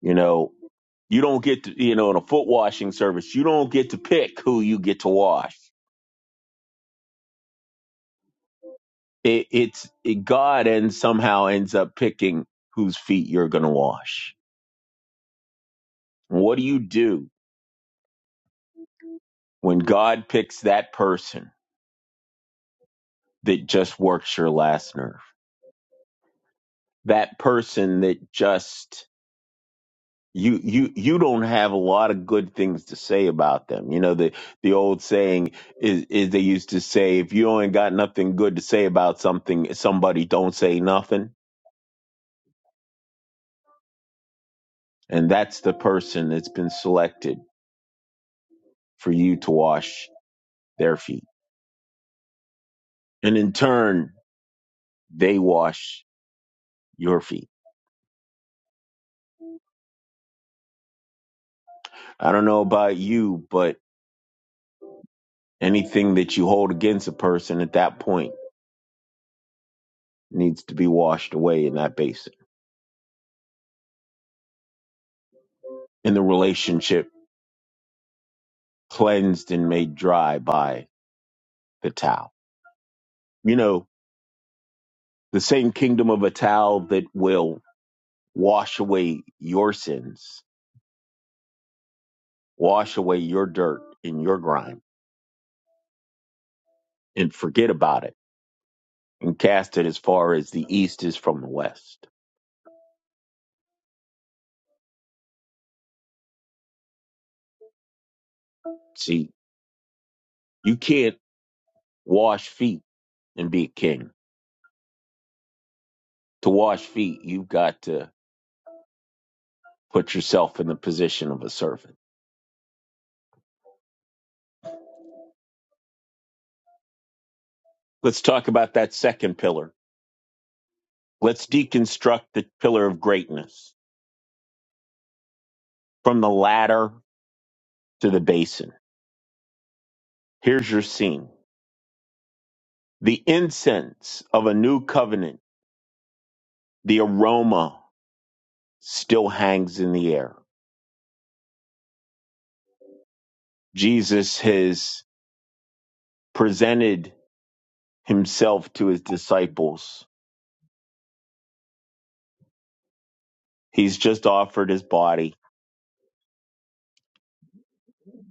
B: You know, you don't get to, you know, in a foot washing service, you don't get to pick who you get to wash. It, it's it, God and somehow ends up picking whose feet you're going to wash. What do you do when God picks that person that just works your last nerve? That person that just you you you don't have a lot of good things to say about them. You know the the old saying is is they used to say if you ain't got nothing good to say about something somebody don't say nothing and that's the person that's been selected for you to wash their feet. And in turn they wash your feet. I don't know about you but anything that you hold against a person at that point needs to be washed away in that basin. In the relationship cleansed and made dry by The towel. You know, the same kingdom of a towel that will wash away your sins, wash away your dirt and your grime, and forget about it and cast it as far as the east is from the west. See, you can't wash feet and be a king. To wash feet, you've got to put yourself in the position of a servant. Let's talk about that second pillar. Let's deconstruct the pillar of greatness from the ladder to the basin. Here's your scene The incense of a new covenant, the aroma still hangs in the air. Jesus has presented himself to his disciples. He's just offered his body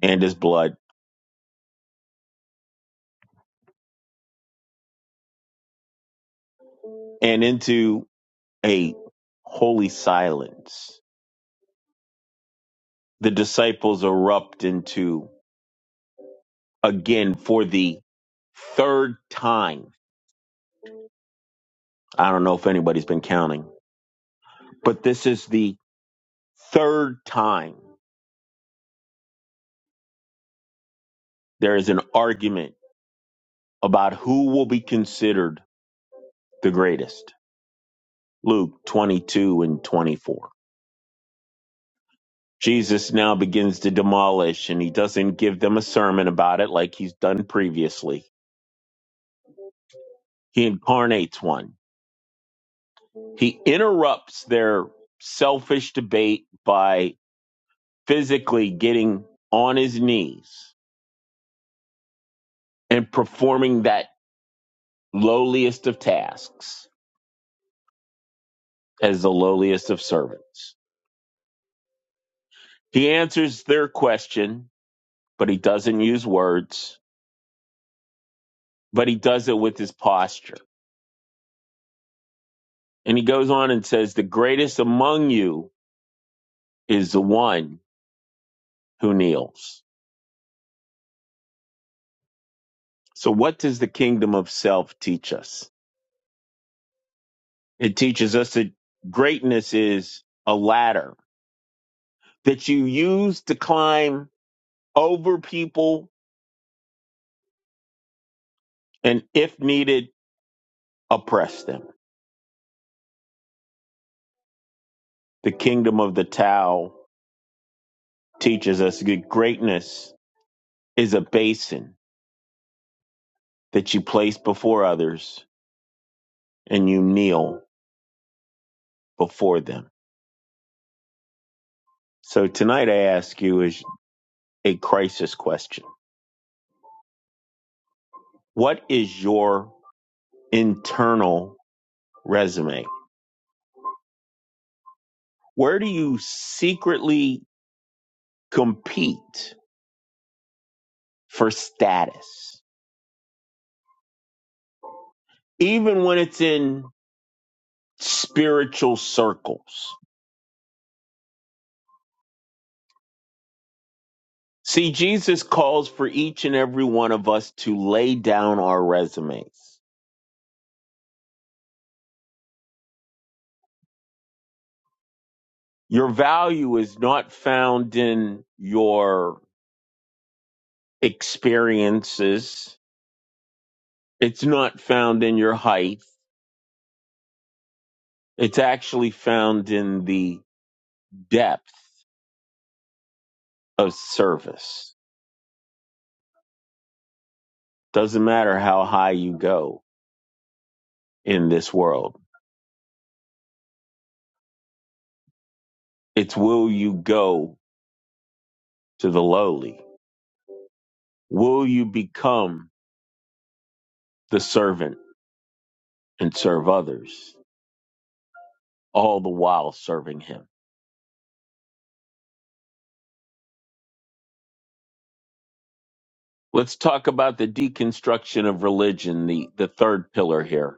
B: and his blood and into a holy silence. The disciples erupt into again for the third time. I don't know if anybody's been counting, but this is the third time there is an argument about who will be considered the greatest. Luke 22 and 24. Jesus now begins to demolish, and he doesn't give them a sermon about it like he's done previously. He incarnates one. He interrupts their selfish debate by physically getting on his knees and performing that lowliest of tasks as the lowliest of servants. He answers their question, but he doesn't use words but he does it with his posture. And he goes on and says, The greatest among you is the one who kneels. So, what does the kingdom of self teach us? It teaches us that greatness is a ladder that you use to climb over people and, if needed, oppress them. The kingdom of the Tao teaches us that greatness is a basin that you place before others and you kneel before them So tonight I ask you is a crisis question. What is your internal resume? Where do you secretly compete for status? Even when it's in spiritual circles. See, Jesus calls for each and every one of us to lay down our resumes. Your value is not found in your experiences. It's not found in your height It's actually found in the depth of service. Doesn't matter how high you go in this world. It's will you go to the lowly? Will you become the servant and serve others, all the while serving him? Let's talk about the deconstruction of religion, the, the third pillar here.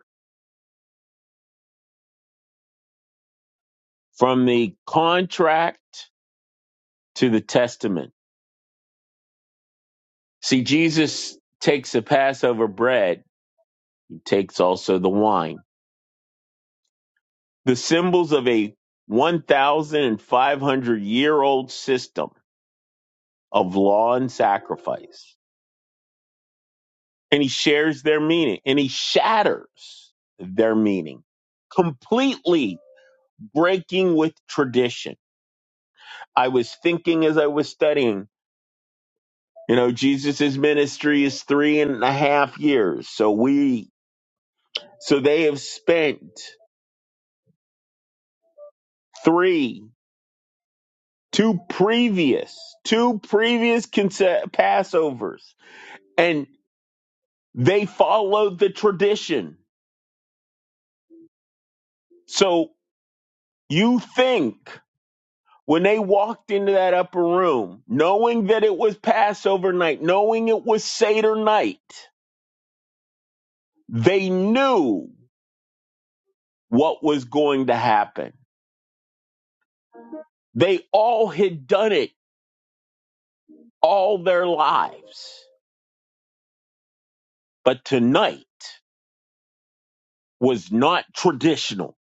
B: From the contract to the testament. See, Jesus takes the Passover bread, he takes also the wine the symbols of a 1,500 year old system of law and sacrifice. And he shares their meaning and he shatters their meaning, completely breaking with tradition. I was thinking as I was studying, you know, Jesus' ministry is three and a half years. So we, so they have spent three, two previous, two previous conce- Passovers. And They followed the tradition. So you think when they walked into that upper room, knowing that it was Passover night, knowing it was Seder night, they knew what was going to happen. They all had done it all their lives. But tonight was not traditional.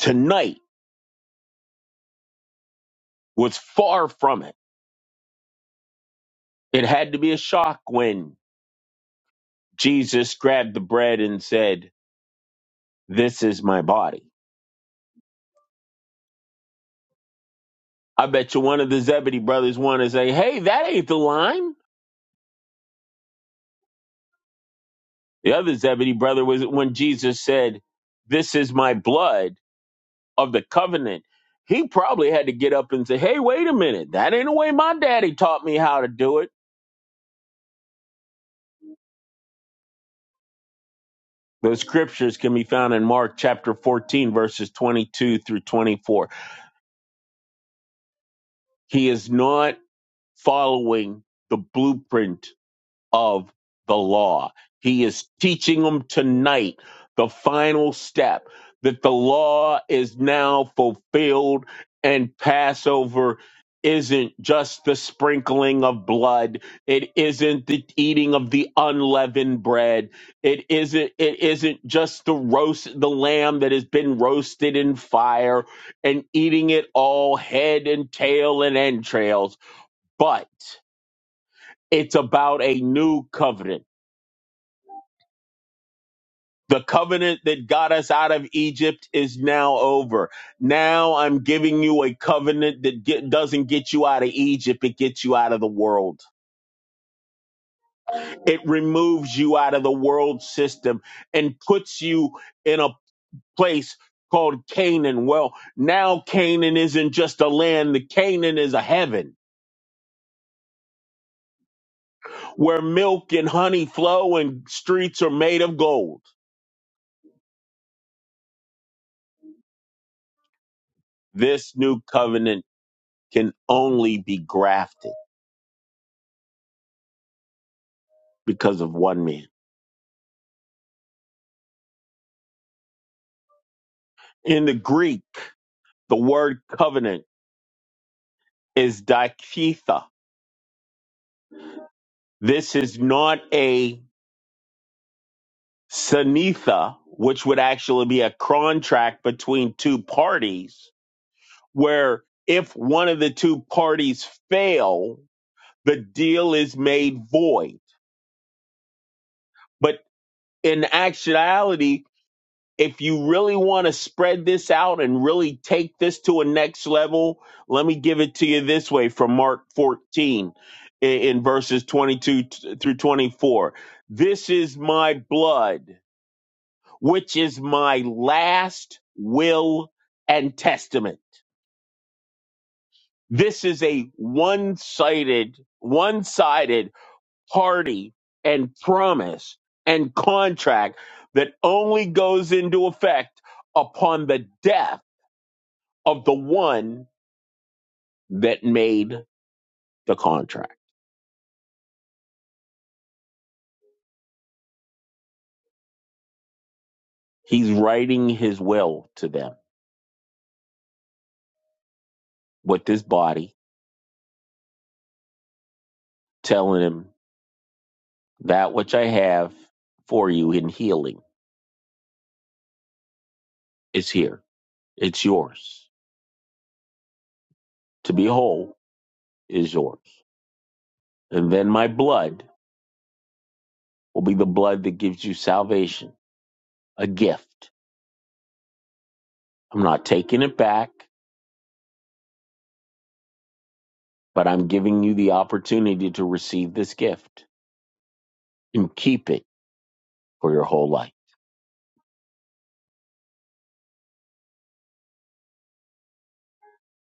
B: Tonight was far from it. It had to be a shock when Jesus grabbed the bread and said, This is my body I bet you one of the Zebedee brothers wanted to say, hey, that ain't the line. The other Zebedee brother was when Jesus said, this is my blood of the covenant. He probably had to get up and say, hey, wait a minute. That ain't the way my daddy taught me how to do it. Those scriptures can be found in Mark chapter 14, verses 22 through 24. He is not following the blueprint of the law. He is teaching them tonight the final step that the law is now fulfilled and Passover isn't just the sprinkling of blood. It isn't the eating of the unleavened bread. It isn't it isn't just the roast the lamb that has been roasted in fire and eating it all head and tail and entrails, but it's about a new covenant The covenant that got us out of Egypt is now over. Now I'm giving you a covenant that get, doesn't get you out of Egypt, it gets you out of the world. It removes you out of the world system and puts you in a place called Canaan. Well, now Canaan isn't just a land, the Canaan is a heaven where milk and honey flow and streets are made of gold. This new covenant can only be grafted because of one man. In the Greek, the word covenant is diketha. This is not a sinetha, which would actually be a contract between two parties, where if one of the two parties fail, the deal is made void. But in actuality, if you really want to spread this out and really take this to a next level, let me give it to you this way from Mark 14 in, in verses 22 t- through 24. This is my blood, which is my last will and testament. This is a one-sided, one-sided party and promise and contract that only goes into effect upon the death of the one that made the contract. He's writing his will to them with this body, telling him that which I have for you in healing is here. It's yours. To be whole is yours. And then my blood will be the blood that gives you salvation, a gift. I'm not taking it back, but I'm giving you the opportunity to receive this gift and keep it for your whole life.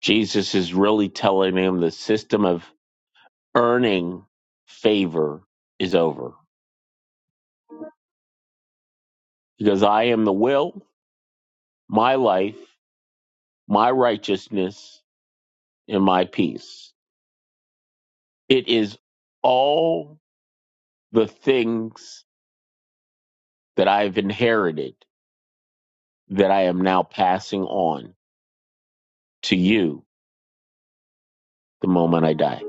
B: Jesus is really telling him the system of earning favor is over because I am the will, my life, my righteousness, and my peace. It is all the things that I've inherited that I am now passing on to you the moment I die.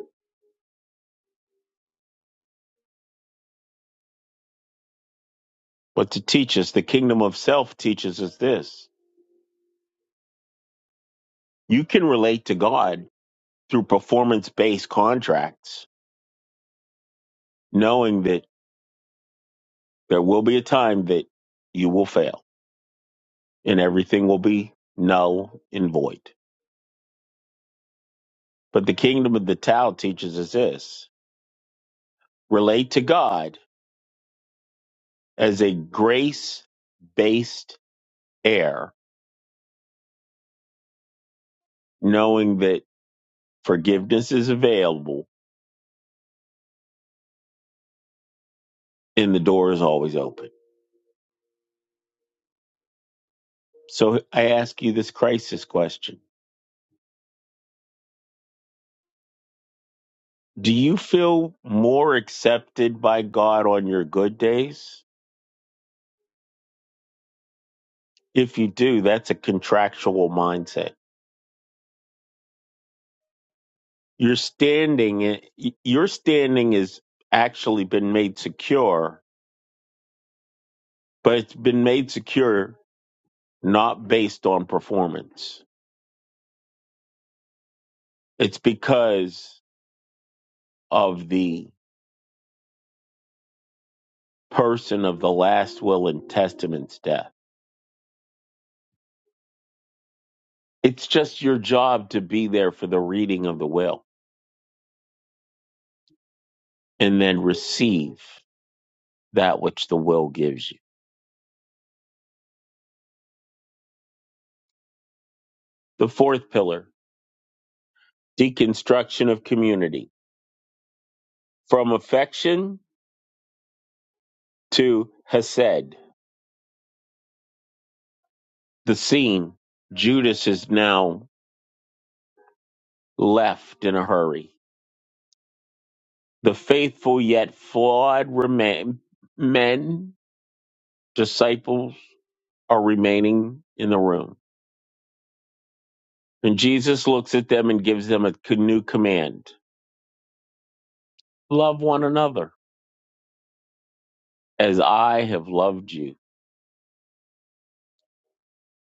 B: But to teach us, the kingdom of self teaches us this you can relate to God through performance based contracts, knowing that there will be a time that you will fail and everything will be null and void. But the kingdom of the Tao teaches us this relate to God as a grace based heir, knowing that forgiveness is available and the door is always open. So I ask you this crisis question Do you feel more accepted by God on your good days? If you do, that's a contractual mindset Your standing, your standing has actually been made secure, but it's been made secure not based on performance. It's because of the person of the last will and testament's death. It's just your job to be there for the reading of the will and then receive that which the will gives you. The fourth pillar, deconstruction of community from affection to hesed. The scene Judas is now left in a hurry. The faithful yet flawed remain, men, disciples, are remaining in the room. And Jesus looks at them and gives them a new command love one another as I have loved you.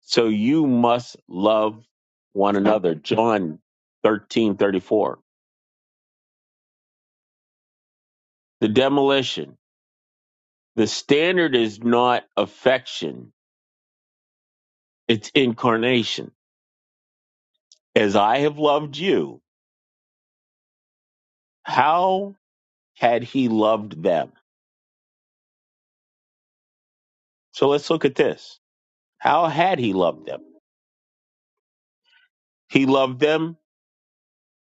B: So you must love one another. John thirteen thirty four. The demolition. The standard is not affection, it's incarnation As I have loved you, how had he loved them? So let's look at this. How had he loved them? He loved them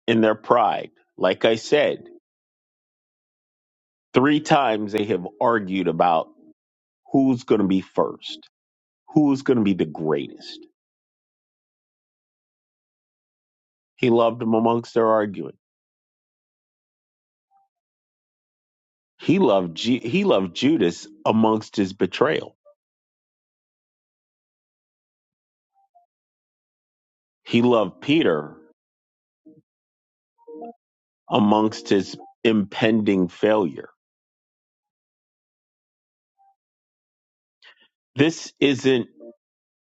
B: in their pride. Like I said, three times they have argued about who's going to be first, who's going to be the greatest. He loved them amongst their arguing. He loved Ju- he loved Judas amongst his betrayal. He loved Peter amongst his impending failure. This isn't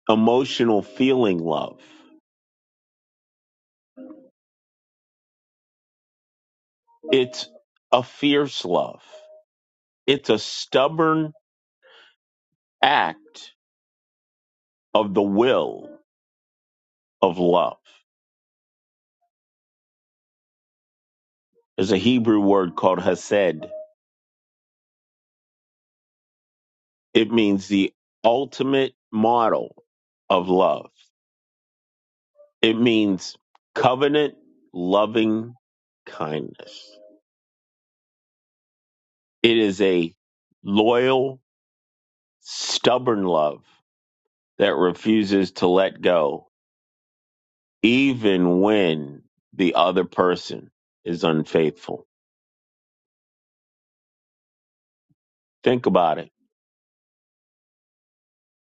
B: emotional feeling love. It's a fierce love. It's a stubborn act of the will of love. There's a Hebrew word called hesed. It means the ultimate model of love. It means covenant loving kindness. It is a loyal, stubborn love that refuses to let go even when the other person is unfaithful. Think about it.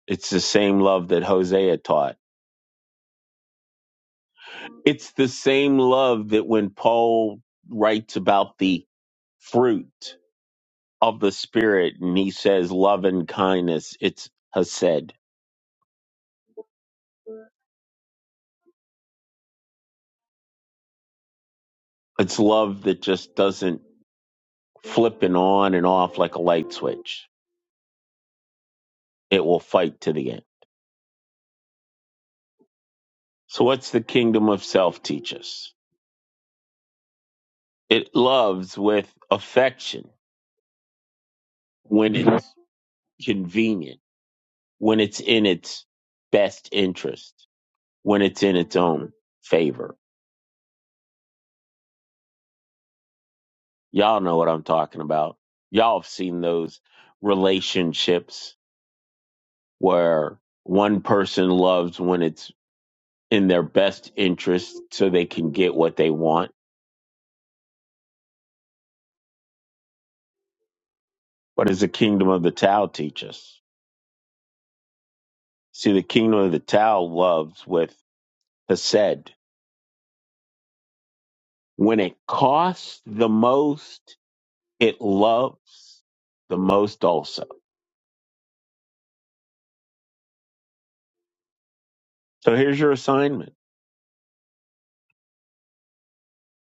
B: It's the same love that Hosea taught. It's the same love that when Paul writes about the fruit of the Spirit and he says love and kindness, it's Hesed. It's love that just doesn't flip and on and off like a light switch. It will fight to the end. So, what's the kingdom of self teach us? It loves with affection when it's convenient when it's in its best interest, when it's in its own favor. Y'all know what I'm talking about. Y'all have seen those relationships where one person loves when it's in their best interest so they can get what they want. What does the kingdom of the Tao teach us? See, the kingdom of the Tao loves with Hesed. When it costs the most, it loves the most also So here's your assignment.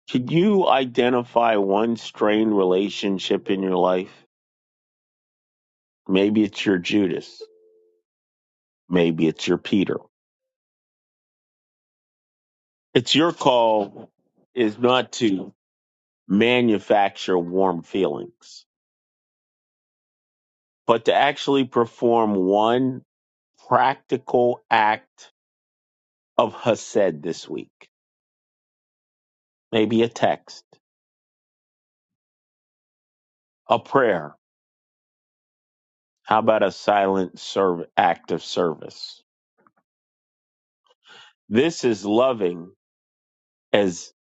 B: Can you identify one strained relationship in your life? Maybe it's your Judas. Maybe it's your Peter. It's your call is not to manufacture warm feelings, but to actually perform one practical act of Hased this week. Maybe a text, a prayer. How about a silent serve, act of service? This is loving, as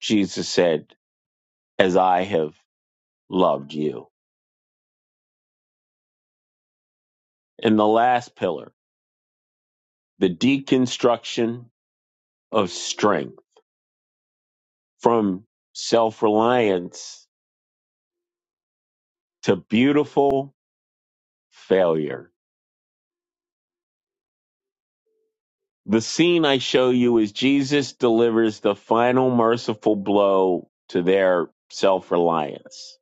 B: Jesus said as I have loved you. And the last pillar, the deconstruction of strength from self reliance to beautiful failure. The scene I show you is Jesus delivers the final merciful blow to their self reliance.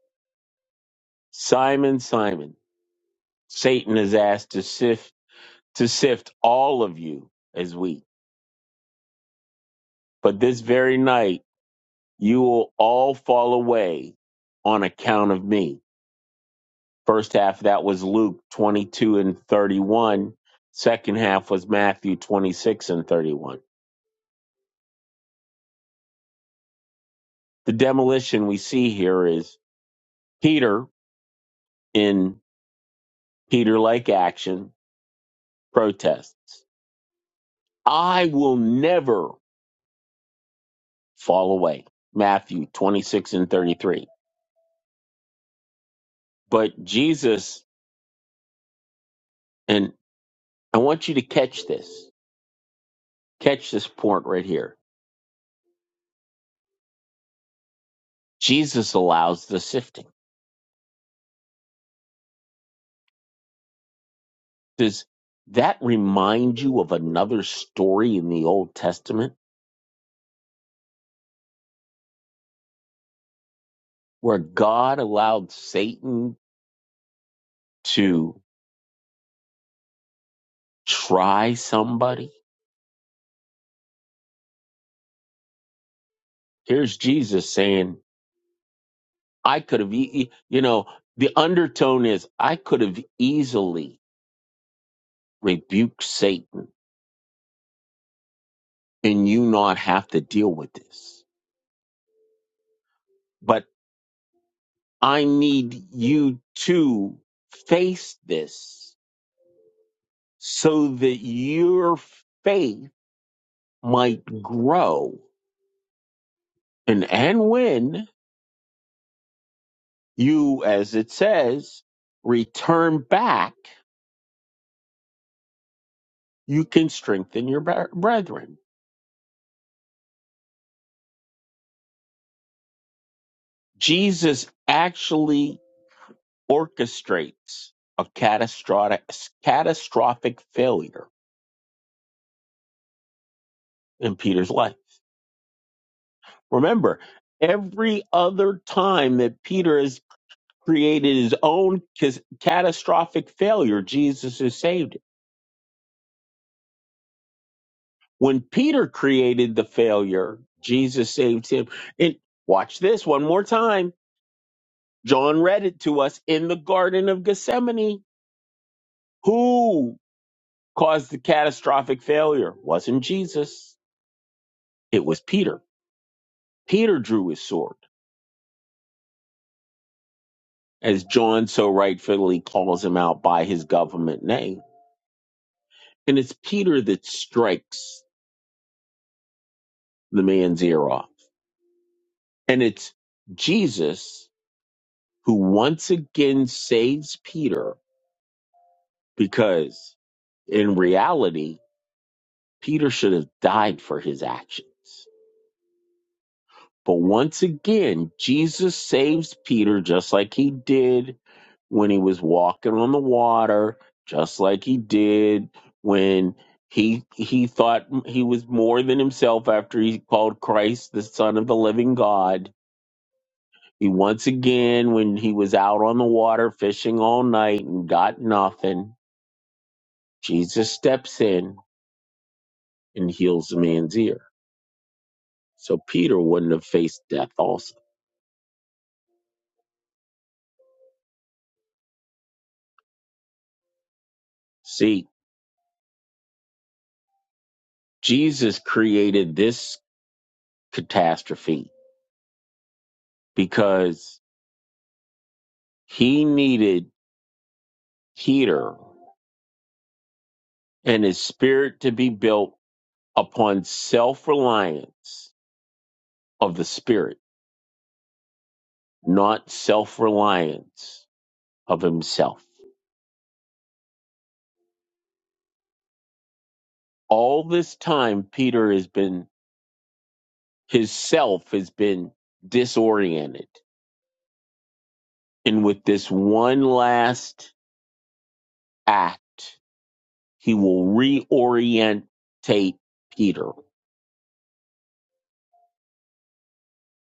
B: Simon, Simon, Satan is asked to sift to sift all of you as wheat. But this very night you will all fall away on account of me. First half of that was Luke 22 and 31. Second half was Matthew 26 and 31. The demolition we see here is Peter in Peter like action protests. I will never fall away. Matthew 26 and 33. But Jesus, and I want you to catch this, catch this point right here. Jesus allows the sifting. Does that remind you of another story in the Old Testament where God allowed Satan to try somebody? Here's Jesus saying, I could have, e- e- you know, the undertone is, I could have easily rebuked Satan and you not have to deal with this. But I need you to face this so that your faith might grow And, and when you, as it says, return back, you can strengthen your bre- brethren. Jesus actually orchestrates a catastrophic, catastrophic failure in Peter's life. Remember, every other time that Peter has created his own cas- catastrophic failure, Jesus has saved him. When Peter created the failure, Jesus saved him. And watch this one more time. John read it to us in the Garden of Gethsemane. Who caused the catastrophic failure? Wasn't Jesus. It was Peter. Peter drew his sword, as John so rightfully calls him out by his government name. And it's Peter that strikes the man's ear off. And it's Jesus who once again saves Peter Because in reality, Peter should have died for his actions. But once again, Jesus saves Peter just like he did when he was walking on the water, just like he did when he he thought he was more than himself after he called Christ the son of the living God. He once again when he was out on the water fishing all night and got nothing, Jesus steps in and heals the man's ear. So Peter wouldn't have faced death also. See, Jesus created this catastrophe because he needed Peter and his spirit to be built upon self reliance of the spirit, not self reliance of himself. All this time, Peter has been, his self has been disoriented. And with this one last act, He will reorientate Peter.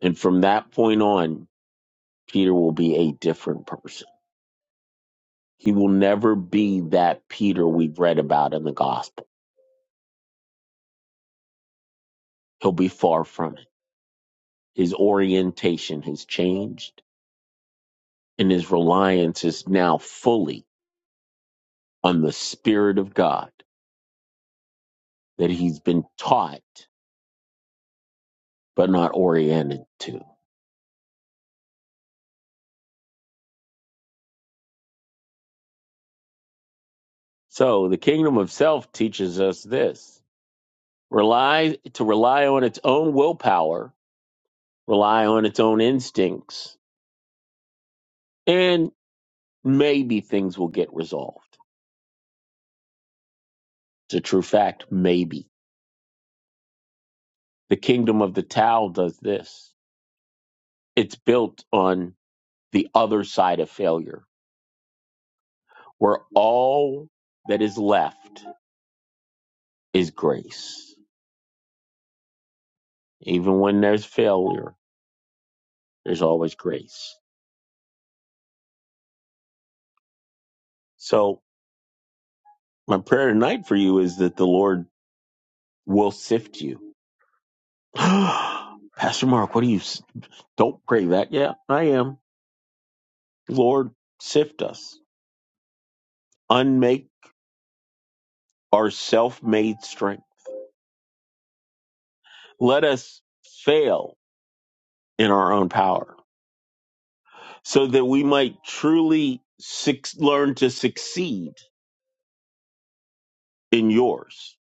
B: And from that point on, Peter will be a different person. He will never be that Peter we've read about in the gospel. He'll be far from it. His orientation has changed, and his reliance is now fully on the Spirit of God that he's been taught but not oriented to. So the kingdom of self teaches us this rely to rely on its own willpower rely on its own instincts, and maybe things will get resolved. It's a true fact, maybe. The kingdom of the Tao does this. It's built on the other side of failure, where all that is left is grace. Even when there's failure, there's always grace. So, my prayer tonight for you is that the Lord will sift you. Pastor Mark, what do you? Don't pray that. Yeah, I am. Lord, sift us unmake our self made strength. Let us fail in our own power so that we might truly suc learn to succeed in yours.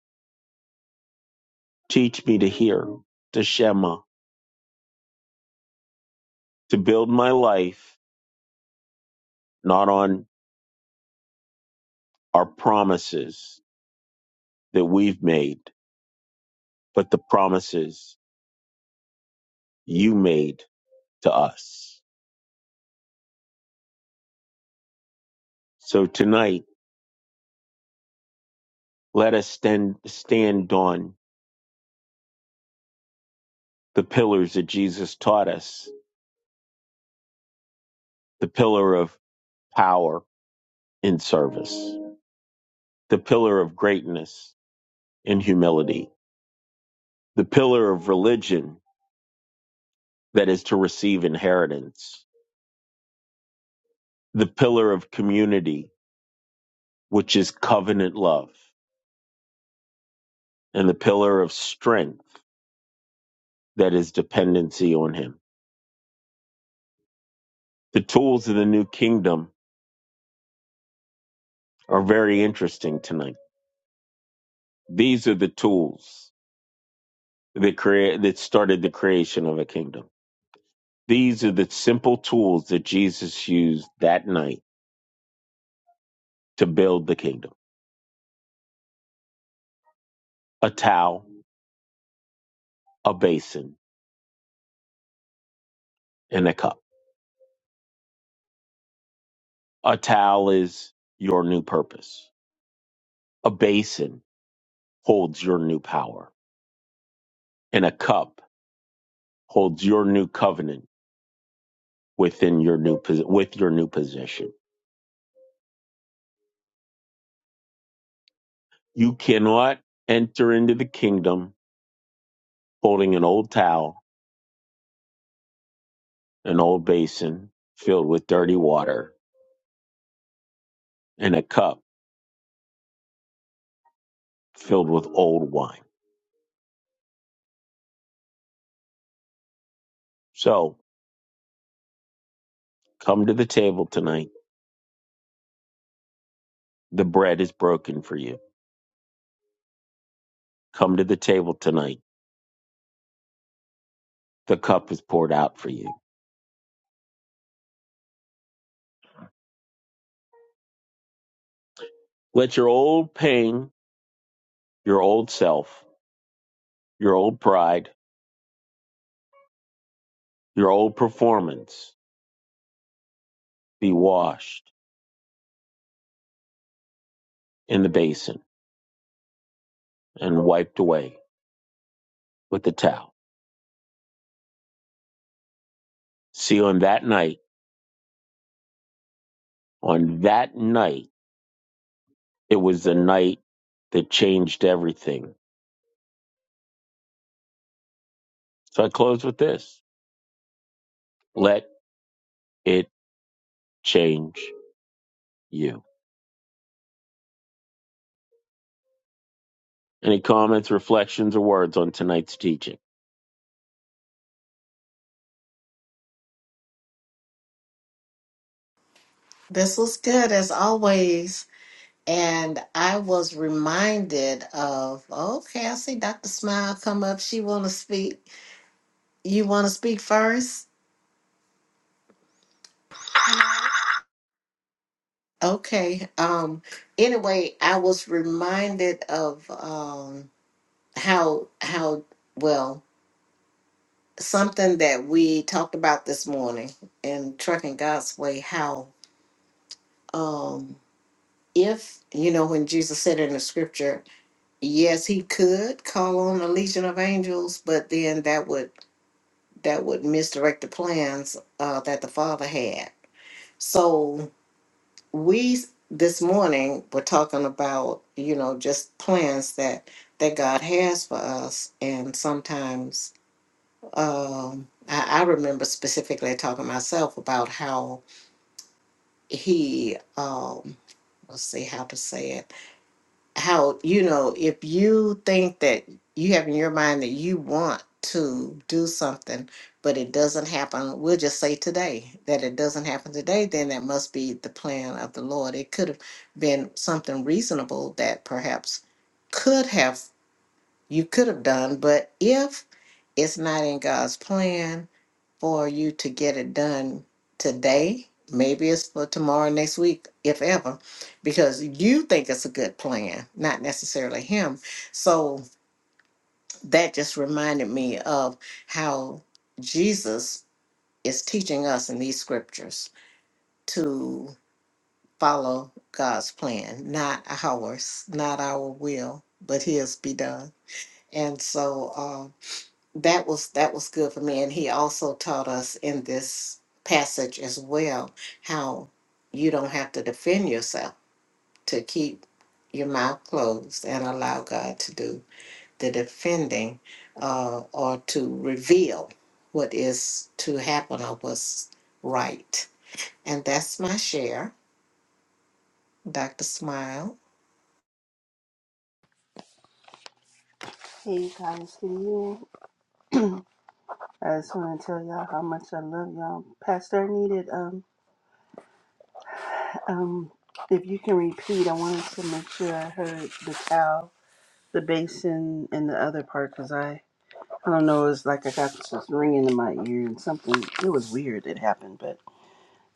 B: Teach me to hear, to Shema, to build my life not on our promises that we've made, but the promises you made to us. So tonight, let us stand, stand on the pillars that Jesus taught us the pillar of power, in service, the pillar of greatness in humility, the pillar of religion that is to receive inheritance, the pillar of community, which is covenant love, and the pillar of strength that is dependency on Him. The tools of the new kingdom are very interesting tonight. These are the tools that create that started the creation of a kingdom. These are the simple tools that Jesus used that night to build the kingdom. A towel, a basin and a cup. A towel is your new purpose. A basin holds your new power, and a cup holds your new covenant within your new pos- with your new position. You cannot enter into the kingdom holding an old towel, an old basin filled with dirty water, and a cup filled with old wine. So come to the table tonight. The bread is broken for you. Come to the table tonight. The cup is poured out for you Let your old pain, your old self, your old pride, your old performance be washed in the basin and wiped away with the towel. See, on that night, on that night, it was the night that changed everything. So I close with this let it change you. Any comments, reflections, or words on tonight's teaching?
A: This was good as always. And I was reminded of, okay, I see Dr. Smile come up. She want to speak. You want to speak first? Okay. Um. Anyway, I was reminded of um how how well something that we talked about this morning in Trucking God's Way. How um if you know when jesus said it in the scripture yes he could call on a legion of angels but then that would that would misdirect the plans uh, that the father had so we this morning were talking about you know just plans that that god has for us and sometimes um i, I remember specifically talking to myself about how he um let's see how to say it how you know if you think that you have in your mind that you want to do something but it doesn't happen we'll just say today that it doesn't happen today then that must be the plan of the lord it could have been something reasonable that perhaps could have you could have done but if it's not in god's plan for you to get it done today. Maybe it's for tomorrow, next week, if ever, because you think it's a good plan, not necessarily him. So that just reminded me of how Jesus is teaching us in these scriptures to follow God's plan, not ours, not our will, but his be done. And so um, that was that was good for me and he also taught us in this passage as well how you don't have to defend yourself to keep your mouth closed and allow god to do the defending uh, or to reveal what is to happen or what's right and that's my share dr smile
D: Hey guys, good you. I just want to tell y'all how much I love y'all. Pastor, I needed um um if you can repeat, I wanted to make sure I heard the cow, the basin, and the other part because I I don't know. It was like I got this ringing in my ear and something. It was weird. It happened, but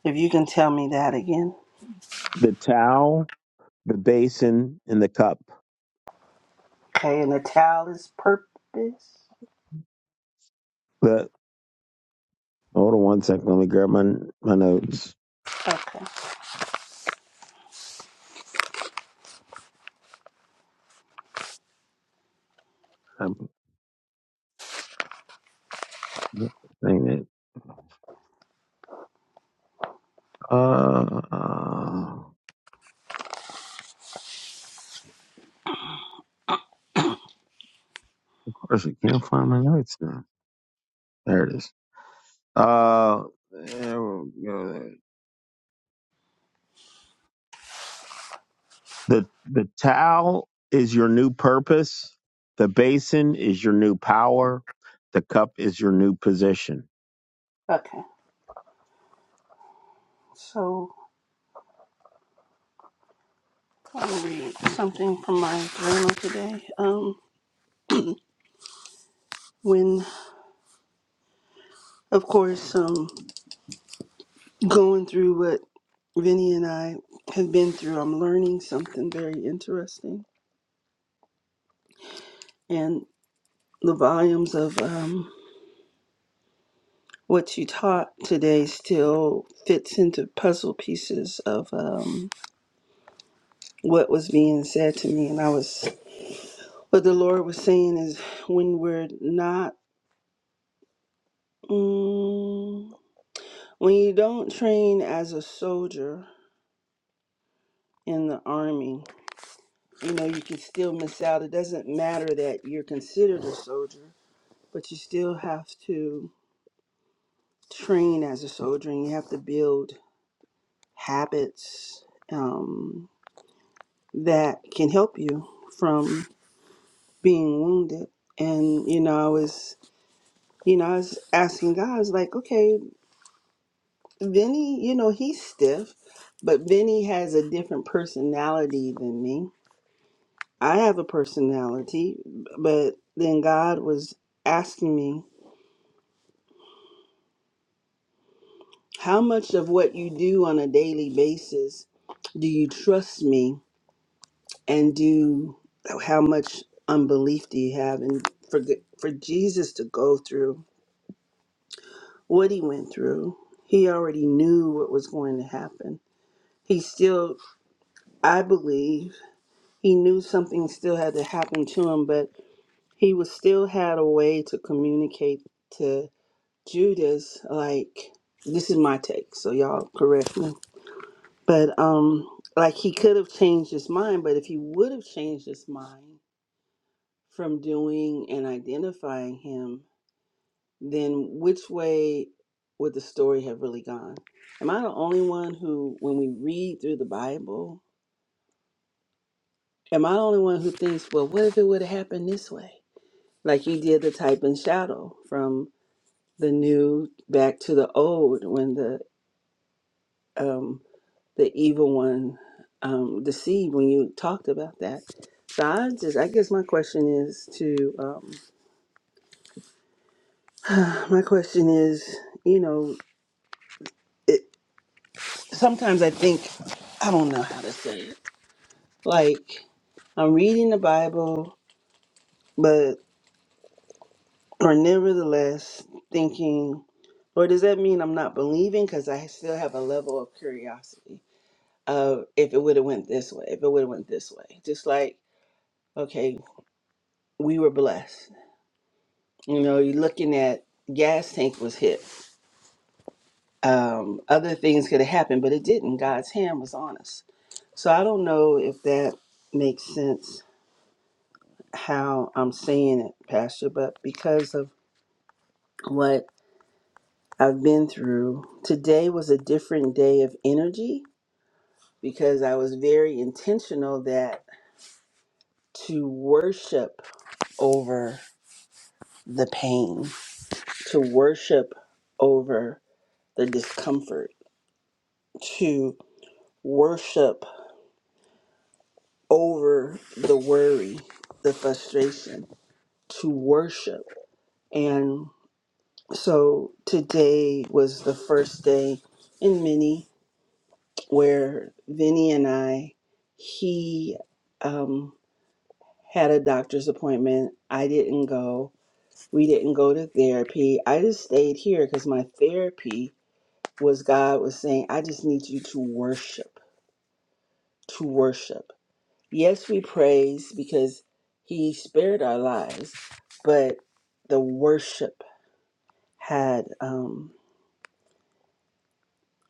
D: if you can tell me that again,
B: The towel, the basin, and the cup.
D: okay. And the towel is purpose.
B: The, hold on one second. Let me grab my, my notes.
D: Okay,
B: I'm Dang it. Uh, of course, I can't find my notes now. There it is. Uh, there we go. The the towel is your new purpose. The basin is your new power. The cup is your new position.
D: okay. So I'll read something from my journal today. Um, when of course um. going through what Vinny and I have been through, I'm learning something very interesting. And the volumes of um, what you taught today still fits into puzzle pieces of um, what was being said to me. And I was, what the Lord was saying is when we're not, mm, when you don't train as a soldier in the army, you know, you can still miss out. It doesn't matter that you're considered a soldier but you still have to train as a soldier and you have to build habits um, that can help you from being wounded and you know i was you know i was asking god I was like okay vinny you know he's stiff but vinny has a different personality than me i have a personality but then god was asking me how much of what you do on a daily basis do you trust me and do how much unbelief do you have and for for Jesus to go through what he went through he already knew what was going to happen he still i believe he knew something still had to happen to him but he was still had a way to communicate to Judas like this is my take so y'all correct me but um like he could have changed his mind but if he would have changed his mind from doing and identifying him, then which way would the story have really gone? Am I the only one who, when we read through the Bible, am I the only one who thinks, well, what if it would have happened this way? Like you did the type and shadow from the new back to the old when the um, the evil one um, deceived when you talked about that. So I just, I guess my question is to, um, my question is, you know, sometimes I think I don't know how to say it. Like I'm reading the Bible, but or nevertheless thinking, or does that mean I'm not believing? Because I still have a level of curiosity of if it would have went this way, if it would have went this way. Just like okay, we were blessed. You know, you're looking at gas tank was hit. Um, other things could have happened, but it didn't. God's hand was on us. So I don't know if that makes sense how I'm saying it, Pastor, but because of what I've been through, today was a different day of energy because I was very intentional that to worship over the pain, to worship over the discomfort, to worship over the worry, the frustration, to worship. And so today was the first day in many where Vinny and I, he um, had a doctor's appointment. I didn't go. We didn't go to therapy. I just stayed here because my therapy was God was saying, I just need you to worship, to worship. Yes, we praise because He spared our lives, but the worship had um,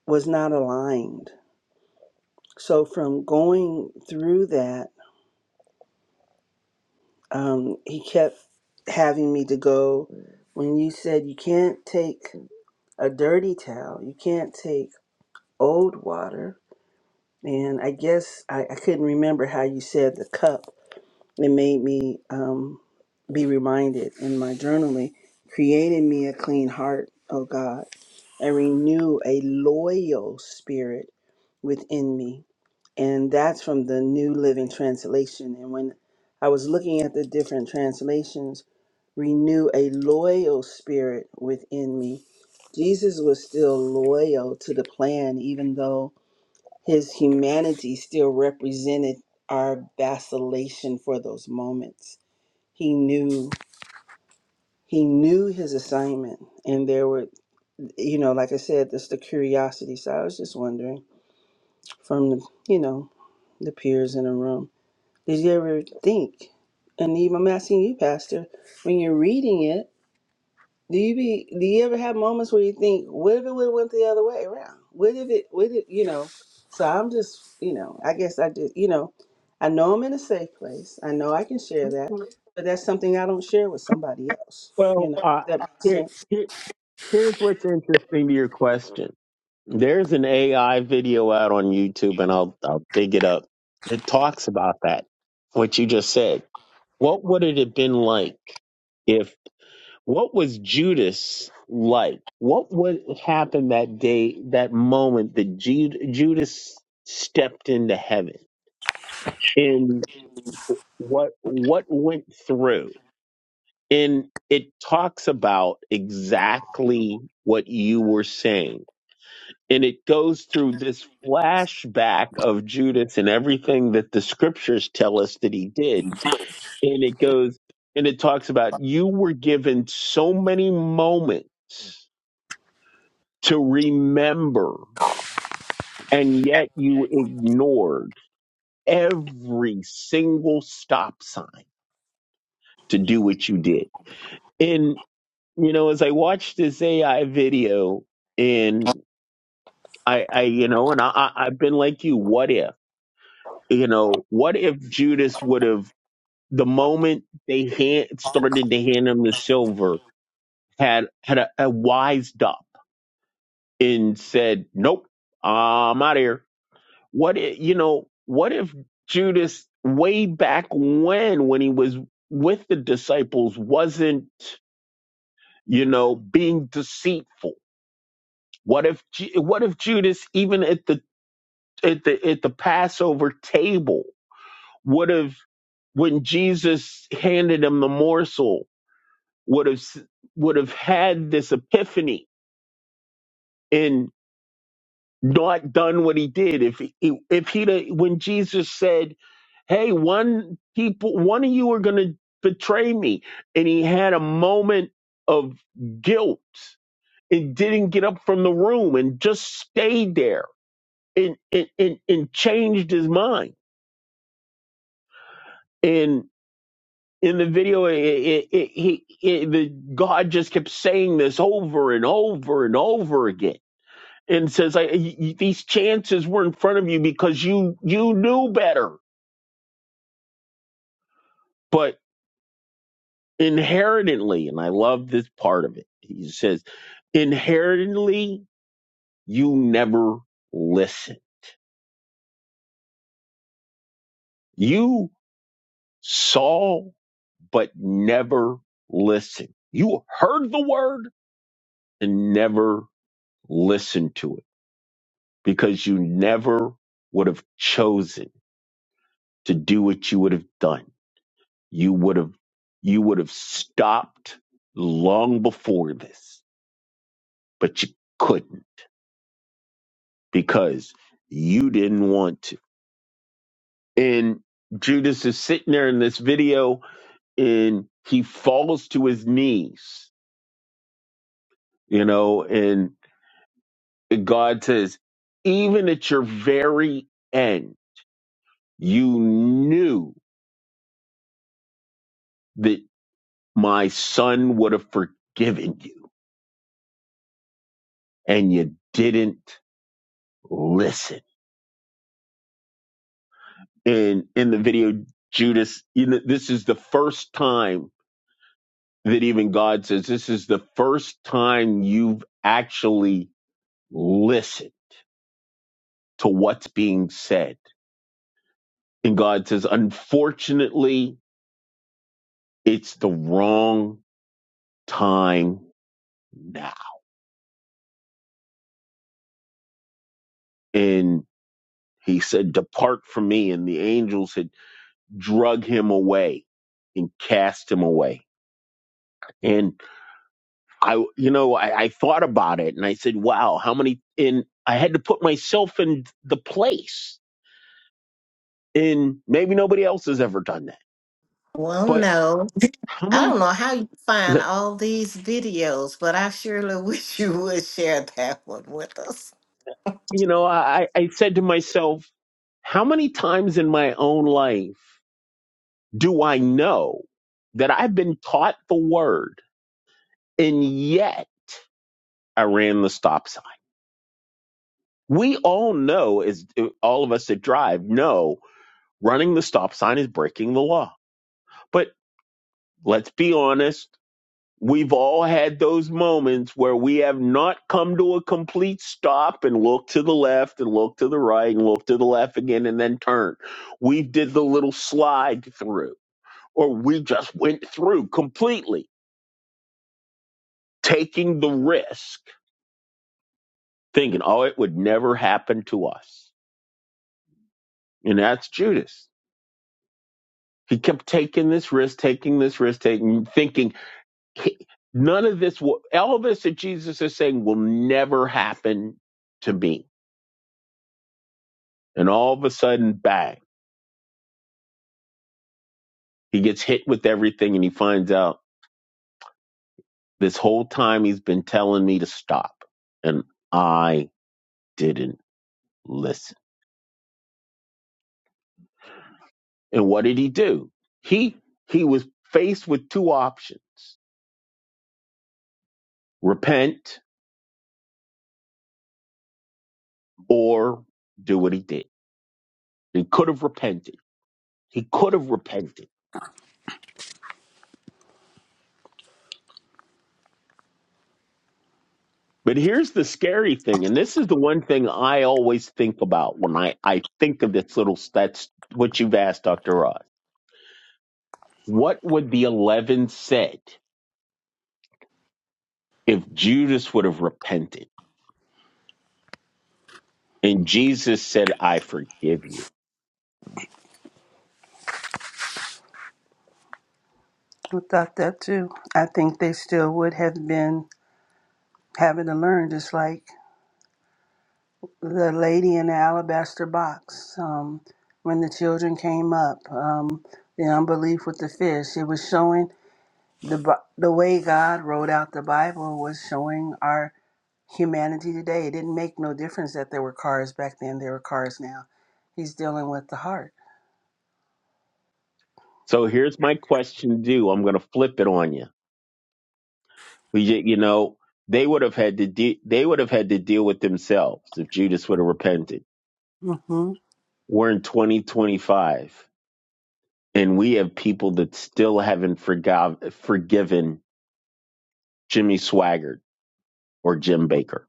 D: was not aligned. So from going through that um, he kept having me to go when you said you can't take a dirty towel, you can't take old water. And I guess I, I couldn't remember how you said the cup. It made me um, be reminded in my journaling, created me a clean heart, O God, and renew a loyal spirit within me and that's from the New Living Translation. And when I was looking at the different translations, renew a loyal spirit within me. Jesus was still loyal to the plan, even though his humanity still represented our vacillation for those moments. He knew he knew his assignment and there were you know like i said there's the curiosity so i was just wondering from the you know the peers in the room Did you ever think, and even I'm asking you, Pastor, when you're reading it, do you be do you ever have moments where you think, what if it would have went the other way around? What if it What if you know? So I'm just, you know, I guess I just you know, I know I'm in a safe place. I know I can share that,
B: Mm-hmm.
D: but that's something I don't share with somebody else. You
B: Well,
D: know,
B: uh,
D: Does that makes
B: here,
D: sense.
B: here, here's what's interesting to your question. There's an AI video out on YouTube, and I'll I'll dig it up. It talks about that. What you just said. What would it have been like if? What was Judas like? What would happen that day, that moment that Ju- Judas stepped into heaven? And what what went through? And it talks about exactly what you were saying. And it goes through this flashback of Judas and everything that the scriptures tell us that he did. And it goes, and it talks about you were given so many moments to remember, and yet you ignored every single stop sign to do what you did. you know, as I watched this AI video and I, I you know, and I, I, I've been like you, what if, you know, what if Judas would have, the moment they hand, started to hand him the silver, had, had a, a wised up and said, nope, I'm out of here. What if, you know, what if Judas way back when, when he was with the disciples wasn't, you know, being deceitful? What if Ju- what if Judas even at the at the at the Passover table would have when Jesus handed him the morsel would have s- would have had this epiphany and not done what he did if he, if he when Jesus said hey one people one of you are going to betray me and he had a moment of guilt and didn't get up from the room and just stayed there and and and, and changed his mind. And in the video, it, it, it, he it, the God just kept saying this over and over and over again, and says, I, y- y- "These chances were in front of you because you you knew better." But inherently, and I love this part of it. He says, "Inherently, you never listen. You saw, but never listened. You heard the word." and never Listen to it because you never would have chosen to do what you would have done. You would have, you would have stopped long before this, but you couldn't because you didn't want to. And Judas is sitting there in this video and he falls to his knees, you know, and God says, even at your very end, you knew that." My son would have forgiven you and you didn't listen. And in the video, Judas, you know, this is the first time that even God says, this is the first time you've actually listened to what's being said. And God says, unfortunately, it's the wrong time now. And he said, Depart from me. And the angels had drug him away and cast him away. And I, you know, I, I thought about it and I said, wow, how many, and I had to put myself in the place. And maybe nobody else has ever done that.
A: well
B: But
A: no
B: how
A: i
B: many,
A: don't know how you find all these videos but i surely wish you would share that one with us
B: you know, I, I said to myself, how many times in my own life do I know that I've been taught the word and yet I ran the stop sign? We all know, as all of us that drive know, running the stop sign is breaking the law. but. Let's be honest. We've all had those moments where we have not come to a complete stop and look to the left and look to the right and look to the left again and then turn. We did the little slide through or we just went through completely taking the risk thinking, oh, it would never happen to us. And that's Judas. He kept taking this risk, taking this risk, taking, thinking He- None of this will, all of this that Jesus is saying will never happen to me. And all of a sudden, bang, he gets hit with everything and he finds out this whole time he's been telling me to stop. And I didn't listen. And what did he do? He, he was faced with two options, repent or do what he did. He could have repented. He could have repented But here's the scary thing, and this is the one thing I always think about when I, I think of this little that's what you've asked, Dr. Ross. What would the eleven said if Judas would have repented? And Jesus said, I forgive you.
D: I thought that too. I think they still would have been having to learn just like the lady in the alabaster box um, when the children came up um, the unbelief with the fish it was showing the Bi- the way god wrote out the bible was showing our humanity today it didn't make no difference that there were cars back then there were cars now he's dealing with the heart
B: So here's my question to you. I'm going to flip it on you. We, ju- you know, they would have had to de- they would have had to deal with themselves if Judas would have repented.
D: mm-hmm
B: We're in 2025. And we have people that still haven't forgov- forgiven Jimmy Swaggart or Jim Baker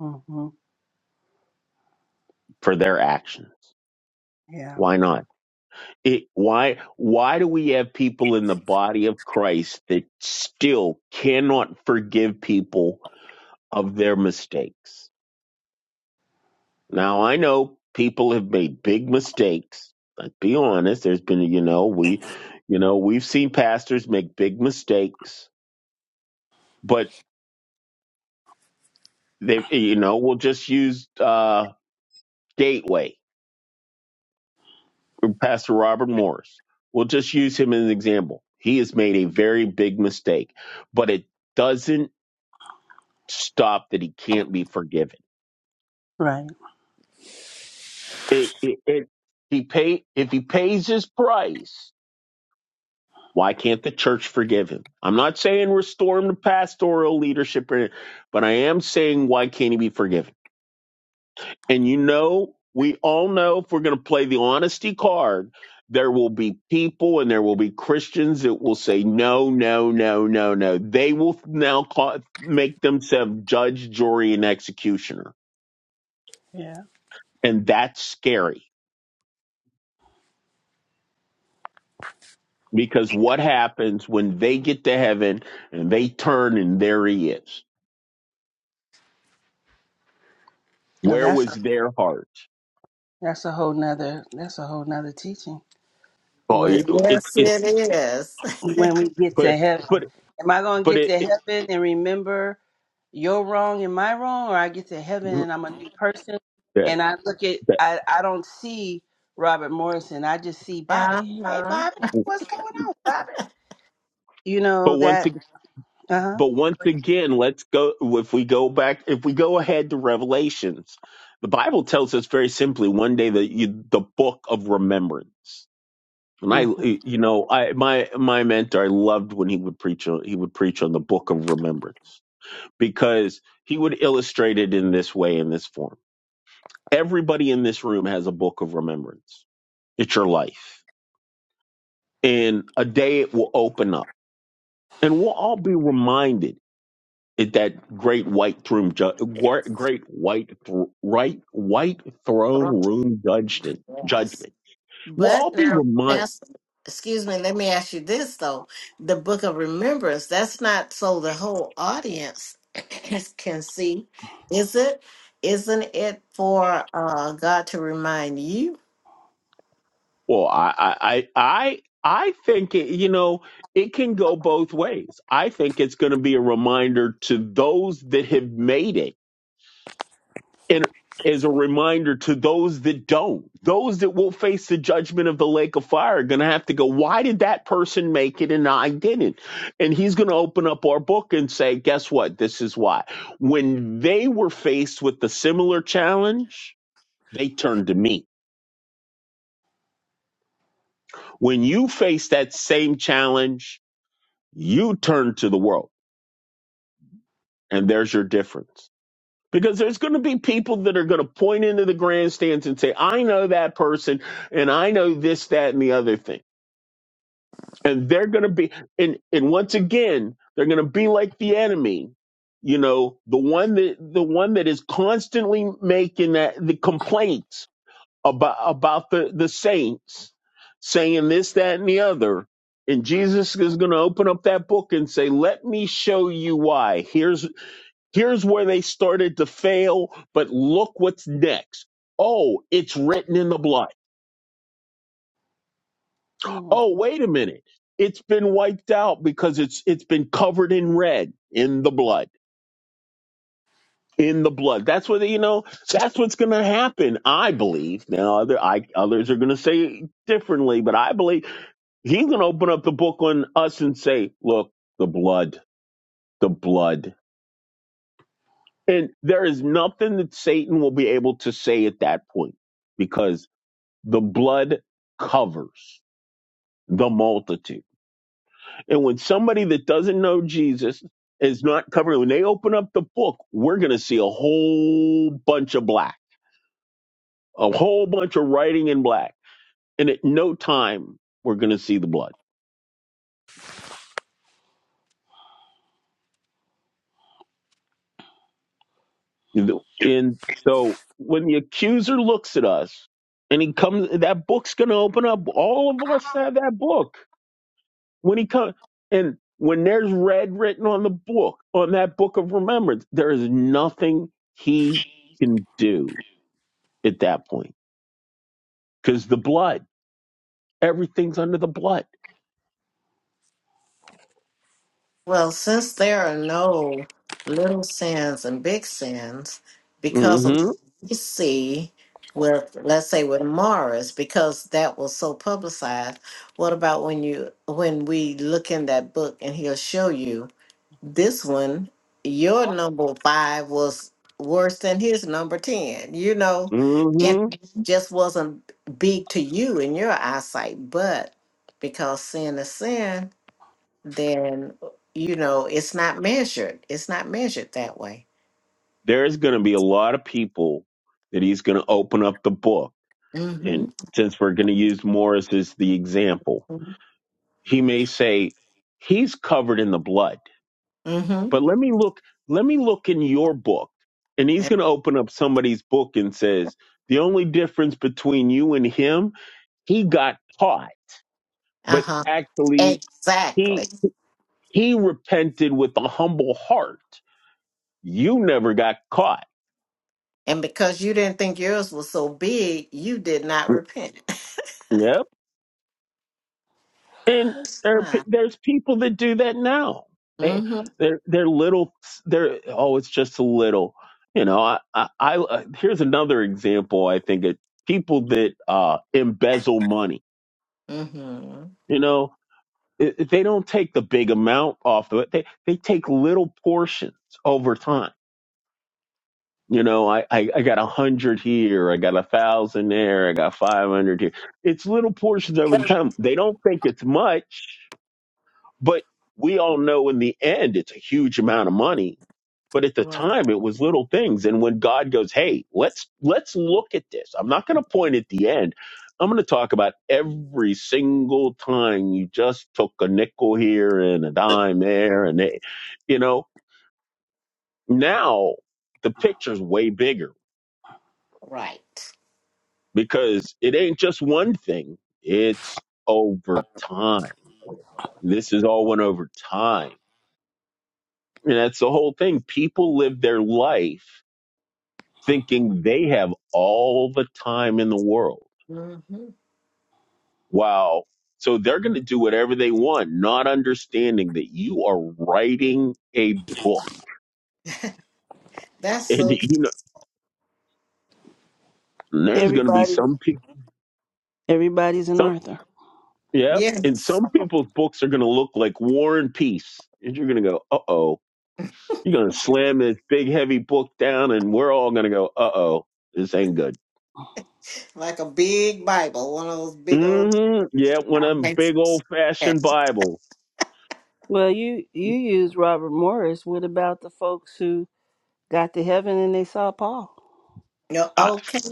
D: mm-hmm
B: for their actions.
D: yeah
B: Why not? It, why why do we have people in the body of Christ that still cannot forgive people of their mistakes? Now I know people have made big mistakes. Let's be honest. There's been you know we you know we've seen pastors make big mistakes, but they you know we'll just use uh Gateway from Pastor Robert Morris. We'll just use him as an example. He has made a very big mistake, but it doesn't stop that he can't be forgiven.
D: right
B: It, it, it, he pay, if he pays his price, why can't the church forgive him? I'm not saying restore him to pastoral leadership, or but I am saying why can't he be forgiven? And you know, we all know if we're going to play the honesty card, there will be people and there will be Christians that will say, no, no, no, no, no. They will now call, make themselves judge, jury, and executioner.
D: yeah
B: And that's scary because what happens when they get to heaven and they turn and there he is?
D: now
B: Where
D: that's
B: was
D: a
B: their heart?
D: that's a whole nother that's a whole nother teaching
B: Oh, it,
D: Where-
B: it,
A: Yes,
B: it
A: it is.
D: when we get
B: but,
D: to heaven
B: but,
D: am i going to
B: but
D: get
B: it,
D: to
B: it
D: heaven and remember You're wrong and my wrong, or I get to heaven
B: mm,
D: and I'm a new person.
B: that,
D: And I look at,
B: that,
D: I, I don't see Robert Morrison. I just see Bobby. Hey,
A: Uh-huh.
D: Bobby, what's going on, Bobby? You
B: but
D: know
B: once
D: that,
B: again.
D: uh
B: But once again, let's go. If we go back, if we go ahead to Revelations, the Bible tells us very simply: one day the you, the book of remembrance. And I,
D: huh.
B: you know, I my my mentor, I loved when he would preach. On, he would preach on the book of remembrance because he would illustrate it in this way, in this form. Everybody in this room has a book of remembrance. It's your life, and a day it will open up, and we'll all be reminded it, that great white throne, ju- gr- great white, thr right, white throne
A: Thro-
B: room judgment.
A: Yes.
B: Judgment. We'll
A: But
B: all be
A: now,
B: reminded.
A: Pastor, excuse me, let me ask you this though. The book of remembrance, that's not so the whole audience can see, is it? Isn't it for uh, God to remind you?
B: Well, I, I, I, I I think it, you know it can go both ways. I think it's going to be a reminder to those that have made it and as a reminder to those that don't, those that will face the judgment of the lake of fire are going to have to go, why did that person make it and I didn't? And he's going to open up our book and say, guess what? This is why. When they were faced with the similar challenge, they turned to me. When you face that same challenge, you turn to the world. And there's your difference. Because there's going to be people that are going to point into the grandstands and say, I know that person and I know this, that, and the other thing. And they're going to be, and, and once again, they're going to be like the enemy, you know, the one that, the one that is constantly making that, the complaints about, about the, the saints saying this, that, and the other. And Jesus is going to open up that book and say, let me show you why. Here's Here's where they started to fail, but look what's next. Oh, it's written in the blood.
D: hmm
B: Oh, wait a minute. It's been wiped out because it's it's been covered in red in the blood. In the blood. That's what you know, that's what's gonna happen, I believe. Now other I others are gonna say differently, but I believe he's gonna open up the book on us and say, Look, the blood, the blood. And there is nothing that Satan will be able to say at that point because. The blood covers the multitude. And when somebody that doesn't know Jesus is not covered, when they open up the book, we're going to see a whole bunch of black, a whole bunch of writing in black. And at no time, we're going to see the blood. And so when the accuser looks at us and he comes, that book's going to open up. All of us have that book when he comes and when there's red written on the book on that book of remembrance there is nothing he can do at that point because the blood everything's under the blood
A: Well, since there are no little sins and big sins, because of
B: hmm
A: we see with let's say with Morris, because that was so publicized, what about when you when we look in that book and he'll show you this one, your number five was worse than his number ten, you know, and
B: hmm
A: Mhm. just wasn't big to you in your eyesight, but because sin is sin, then you know it's not measured. It's not measured that way.
B: there's going to be a lot of people that he's going to open up the book
A: Mm-hmm.
B: and since we're going to use morris as the example he may say he's covered in the blood
A: Mm-hmm.
B: But let me look, let me look in your book. And he's
A: And,
B: going to open up somebody's book and says, the only difference between you and him, he got caught, but
A: uh-huh.
B: actually
A: Exactly.
B: he, he repented with a humble heart. You never got caught.
A: And because you didn't think yours was so big, you did not
B: Mm,
A: repent.
B: Yep. And
A: It's
B: there are, pe-
A: fine.
B: there's people that do that now. They,
A: Mm-hmm.
B: they're, they're little, they're, oh, it's just a little, you know, I, I, I uh, here's another example. I think it people that, uh, embezzle money
A: Mm-hmm.
B: You know, It- it- they don't take the big amount off of it. They they take little portions over time. You know, I I, I got a hundred here, I got a thousand there, I got five hundred here. It's little portions over the time. They don't think it's much, but we all know in the end, it's a huge amount of money. But at the
A: Well,
B: time, it was little things. And when God goes, "Hey, let's let's look at this," I'm not going to point at the end. I'm going to talk about every single time you just took a nickel here and a dime there, and they, you know, now the picture's way bigger
A: right.
B: because it ain't just one thing; it's over time. This is all one over time And that's the whole thing. People live their life thinking they have all the time in the world.
A: Mm-hmm.
B: Wow. So they're going to do whatever they want, not understanding that you are writing a book.
A: That's
B: And
A: so tr-
B: you know, and there's going to be
D: Everybody,
B: some people,
D: everybody's an
B: some,
D: Arthur.
B: yeah. And
A: yes.
B: some people's books are going to look like War and Peace. And you're going to go, uh oh. You're going to slam this big, heavy book down, and we're all going to go, uh oh, this ain't good.
A: Like a big Bible, one of those big
B: Mm
A: old
B: hmm Yeah, one of them
A: Bibles.
B: big old fashioned
A: Yes.
B: Bibles.
D: Well, you you use Robert Morris. What about the folks who got to heaven and they saw Paul?
A: No,
B: I,
A: okay.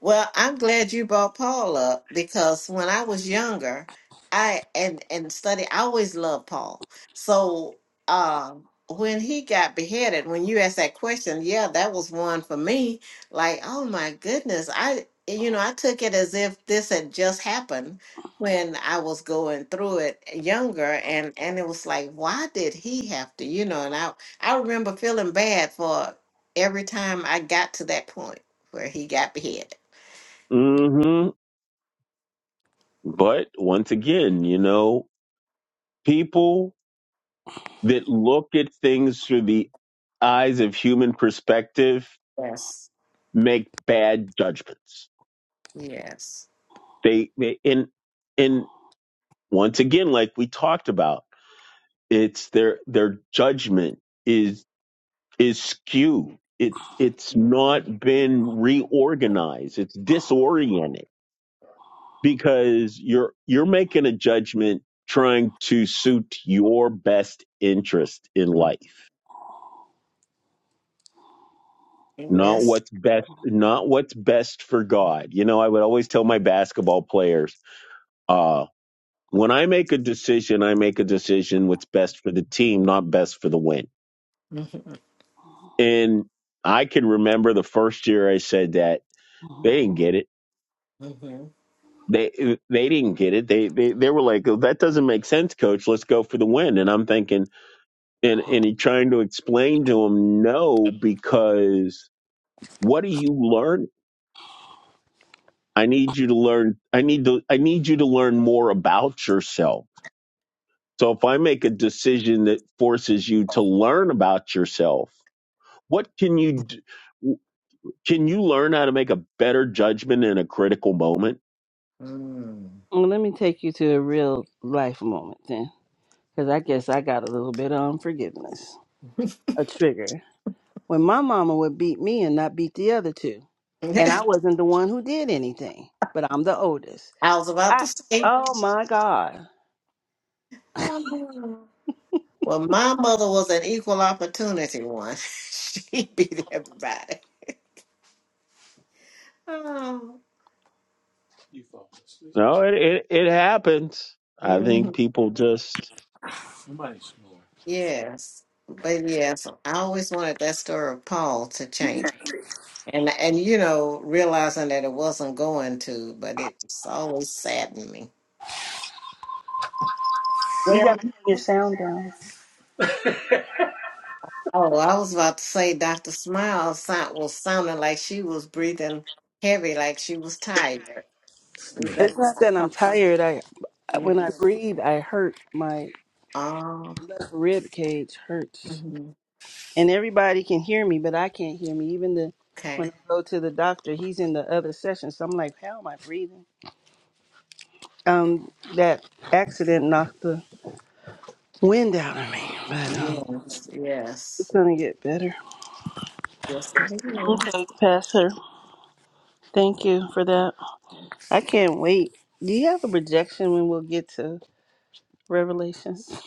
A: Well, I'm glad you brought Paul up because when I was younger, I and and study, I always loved Paul. So um when he got beheaded, when you asked that question, yeah, that was one for me. Like, oh my goodness, I you know I took it as if this had just happened when I was going through it younger, and and it was like, why did he have to, you know? And I I remember feeling bad for every time I got to that point where he got beheaded.
B: hmm But once again, you know, people that look at things through the eyes of human perspective
A: Yes.
B: make bad judgments.
A: Yes.
B: They, they and and once again, like we talked about, it's their their judgment is is skewed. It's it's
A: Mm-hmm.
B: not been reorganized. It's disoriented because you're you're making a judgment trying to suit your best interest in life
A: Mm-hmm.
B: not
A: Yes.
B: what's best not what's best for god you know i would always tell my basketball players uh when i make a decision i make a decision what's best for the team not best for the win
A: Mm-hmm.
B: and i can remember the first year i said that they didn't get it
A: Mm-hmm.
B: they they didn't get it they they, they were like oh, that doesn't make sense coach let's go for the win and i'm thinking and and he trying to explain to him no because what do you learn i need you to learn i need to i need you to learn more about yourself so if i make a decision that forces you to learn about yourself what can you d- can you learn how to make a better judgment in a critical moment
A: Mm.
D: Well, let me take you to a real life moment then, because I guess I got a little bit of unforgiveness, a trigger. when my mama would beat me and not beat the other two. And I wasn't the one who did anything, but I'm the oldest.
A: I was about
D: I
A: to say,
D: oh my God.
A: oh, well, my mother was an equal opportunity one. she beat everybody. Oh.
B: no it it, it happens i
A: hmm
B: think people just
A: Yes. But yes, I always wanted that story of Paul to change. And and you know, realizing that it wasn't going to, but it's always saddened me.
D: You
A: Well.
D: gotta turn your sound down.
A: Oh, I was about to say Dr. Smile sound, was sounding like she was breathing heavy, like she was tired. We better
D: It's not
A: not
D: that I'm
A: talk
D: tired. I
A: to you.
D: when I breathe I hurt. My
A: Oh,
D: left rib cage hurts.
A: mhm.
D: And everybody can hear me, but I can't hear me. Even the when
A: okay.
D: I go to the doctor, he's in the other session. So I'm like, how am I breathing? Um, that accident knocked the wind out of me. But um
A: Yes,
D: it's
A: yes.
D: gonna get better.
A: Yes, it
D: Okay, Pastor. Thank you for that. I can't wait. Do you have a projection when we'll get to Revelations?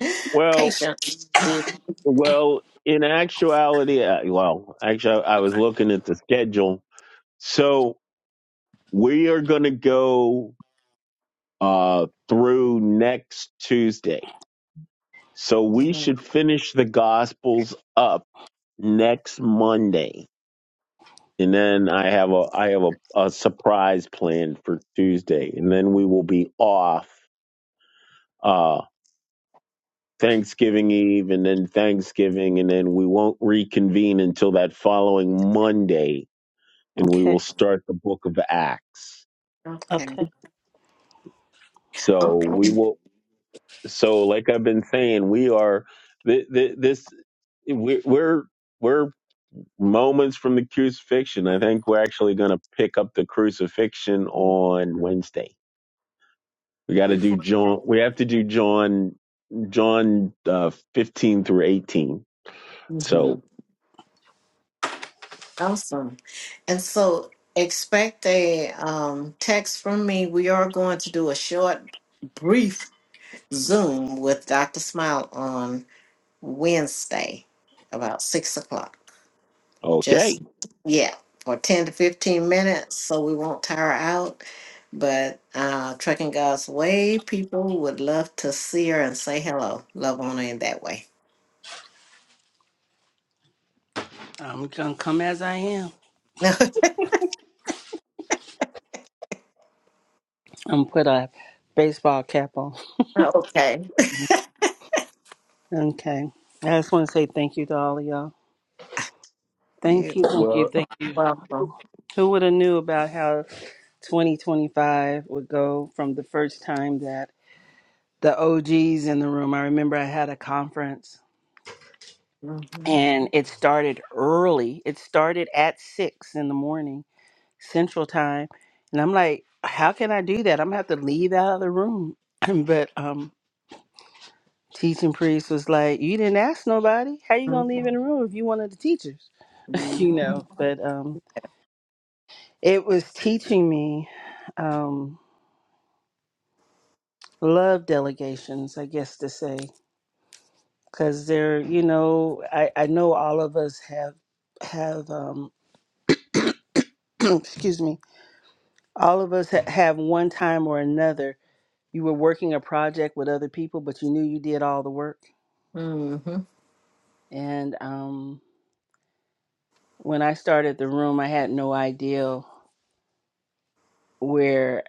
A: is.
B: well
A: Patience. dear.
B: well in actuality I- well actually i was looking at the schedule So we are going to go uh, through next Tuesday. So we
A: Mhm.
B: should finish the Gospels up next Monday, and then I have a I have a, a surprise planned for Tuesday, and then we will be off uh, Thanksgiving Eve, and then Thanksgiving, and then we won't reconvene until that following Monday, and we will
D: Okay,
B: start the Book of Acts.
A: Okay.
D: okay.
B: So we
A: Okay.
B: will so like i've been saying we are th- th- this we- we're we're moments from the crucifixion i think we're actually going to pick up the crucifixion on wednesday we got to do
D: Before
B: john we have to do john john uh, 15 through 18
A: hmm
B: so
A: Awesome. And so expect a um, text from me. We are going to do a short, brief Zoom with Dr. Smile on Wednesday about six o'clock.
B: okay
A: Just, yeah, for 10 to 15 minutes so we won't tire out. But uh, Trucking God's Way people would love to see her and say hello. Love on her in that way.
D: I'm gonna come as I am. I'm put a baseball cap on.
A: okay.
D: Okay. I just want to say thank you to all of y'all. Thank
A: You're
D: you, thank you, thank you.
A: welcome.
D: Who would have knew about how 2025 would go from the first time that the OGs in the room. I remember I had a conference
A: Mm-hmm.
D: and it started early. It started at six in the morning Central Time, and I'm like, how can I do that? I'm gonna have to leave out of the room. but um, teaching priest was like, you didn't ask nobody. How you gonna leave in the room if you one of the teachers? You
A: Mm-hmm.
D: know. But um, it was teaching me um, love delegations, I guess to say, because they're you know I I know all of us have have um, excuse me All of us ha- have one time or another. You were working a project with other people, but you knew you did all the work.
A: Mm-hmm.
D: And um, when I started the room, I had no idea where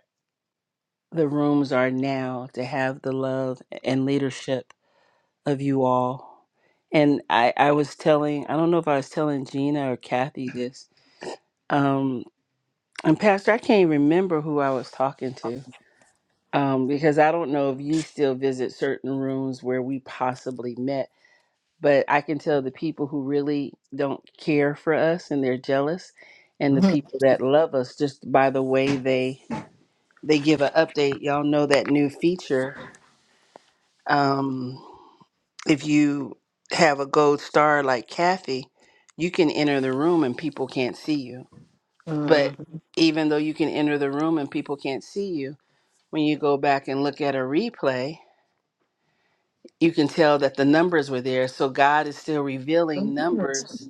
D: the rooms are now to have the love and leadership of you all. And I, I was telling, I don't know if I was telling Gina or Kathy this. Um, and Pastor, I can't remember who I was talking to um, because I don't know if you still visit certain rooms where we possibly met but I can tell the people who really don't care for us and they're jealous and the people that love us just by the way they they give an update. Y'all know that new feature. Um, if you have a gold star like Kathy, you can enter the room and people can't see you. But even though you can enter the room and people can't see you, when you go back and look at a replay, you can tell that the numbers were there. So God is still revealing numbers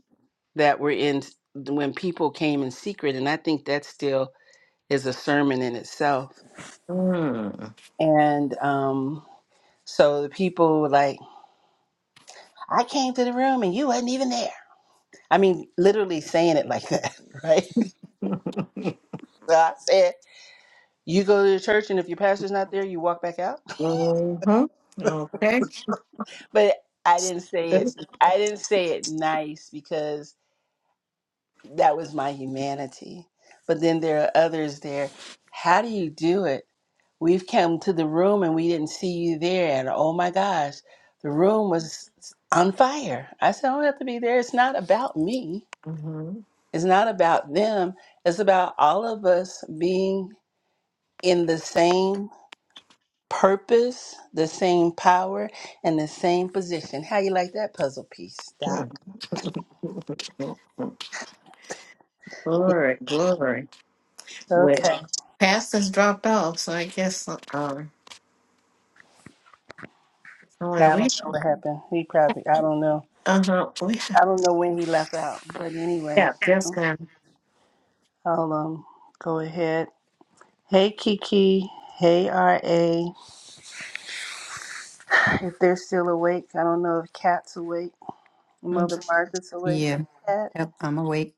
D: that were in when people came in secret. And I think that still is a sermon in itself.
A: Mm-hmm.
D: And um, so the people were like, I came to the room and you wasn't even there. I mean, literally saying it like that, right? So I said, You go to the church and if your pastor's not there, you walk back out.
A: Mm-hmm.
D: But I didn't say
A: Okay.
D: it. I didn't say it nice because that was my humanity. But then there are others there. How do you do it? We've come to the room and we didn't see you there. And oh my gosh, the room was on fire. I said, I don't have to be there. It's not about me,
A: Mhm.
D: it's not about them. It's about all of us being in the same purpose, the same power, and the same position. How you like that puzzle piece, Doc?
A: Glory, glory. Well,
D: Okay.
A: pastors dropped off, so I guess uh, um, oh,
D: I
A: well,
D: don't
A: we
D: know what happened. He probably, I don't know.
A: uh huh we
D: I don't know when he left out. But
A: yeah
D: anyway,
A: just um
D: I'll um, go ahead. Hey Kiki. Hey RA. If they're still awake, I don't know if Kat's awake.
A: mm,
D: Mother Margaret's awake. Hey
E: Yeah,
D: Kat,
E: yep, I'm awake.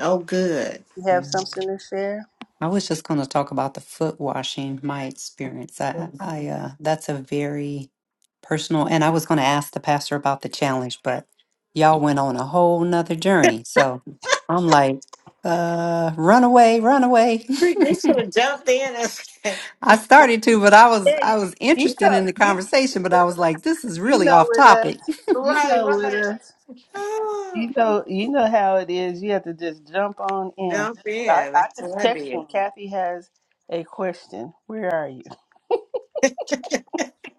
A: oh good.
D: you
E: Yeah.
D: have something to share?
E: I was just going to talk about the foot washing, my experience. I,
A: Mhm.
E: I, uh, that's a very personal, and I was going to ask the pastor about the challenge, but y'all went on a whole nother journey. So I'm like, uh, run away, run away.
A: You should have jumped in and said,
E: I started to, but I was, I
D: Hey,
E: was
D: you
E: interested in
D: know,
E: the
D: you,
E: conversation, but I was like, this is
D: you
E: really
D: know
E: off
D: with us,
E: topic.
D: you
A: right,
D: know with
A: right.
D: us,
A: Oh,
D: you know, you know how it is. You have to just jump on in.
A: jump
D: I,
A: in.
D: I
A: That's
D: just
A: what I
D: text
A: did.
D: them. Kathy has a question. Where are you?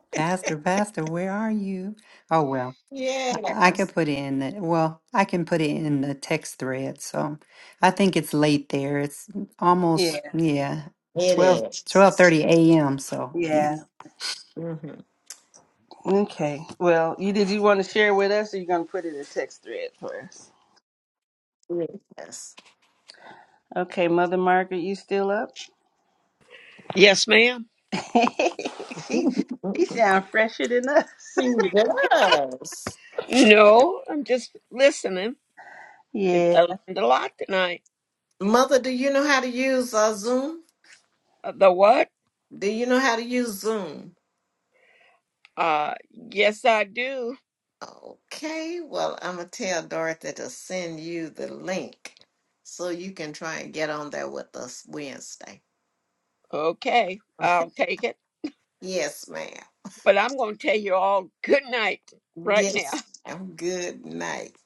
E: Pastor, pastor, where are you? Oh, well.
A: Yes,
E: I could put it in that. Well, I can put it in the text thread. So I think it's late there. It's
D: Yeah.
E: almost, yeah,
A: it
E: twelve
A: is.
E: twelve thirty a.m. So yeah.
D: Yeah.
A: Mm-hmm.
D: Okay. Well, you did you want to share with us, or you gonna put it in a text thread for us?
A: Yes.
D: Okay, Mother Margaret, you still up?
F: Yes, ma'am.
D: she she
A: she
D: sounds fresher than us.
A: does.
F: No, I'm just listening. It- I
D: Yeah,
F: learned a lot tonight.
A: Mother, do you know how to use uh, Zoom?
F: Uh, The what?
A: Do you know how to use Zoom?
F: Uh, yes, I do.
A: Okay, well, I'm gonna tell Dorothy to send you the link so you can try and get on there with us Wednesday.
F: Okay, I'll take it.
A: Yes, ma'am.
F: But I'm going to tell you all good night right now.
A: Yes, ma'am. Good night.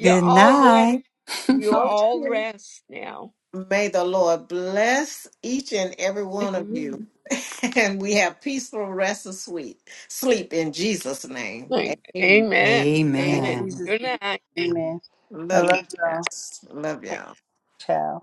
F: You
E: Good
F: all rest.
E: night.
F: You all
A: Okay.
F: rest now.
A: May the Lord bless each and every one of you, and we have peaceful rest of sweet sleep in Jesus' name. Amen.
F: Amen.
D: in
F: Amen.
A: Amen.
E: Amen.
D: Jesus'
F: Good
D: name,
F: night.
D: Amen. I
A: Love you
D: love y'all,
A: guys. Love y'all.
D: Ciao.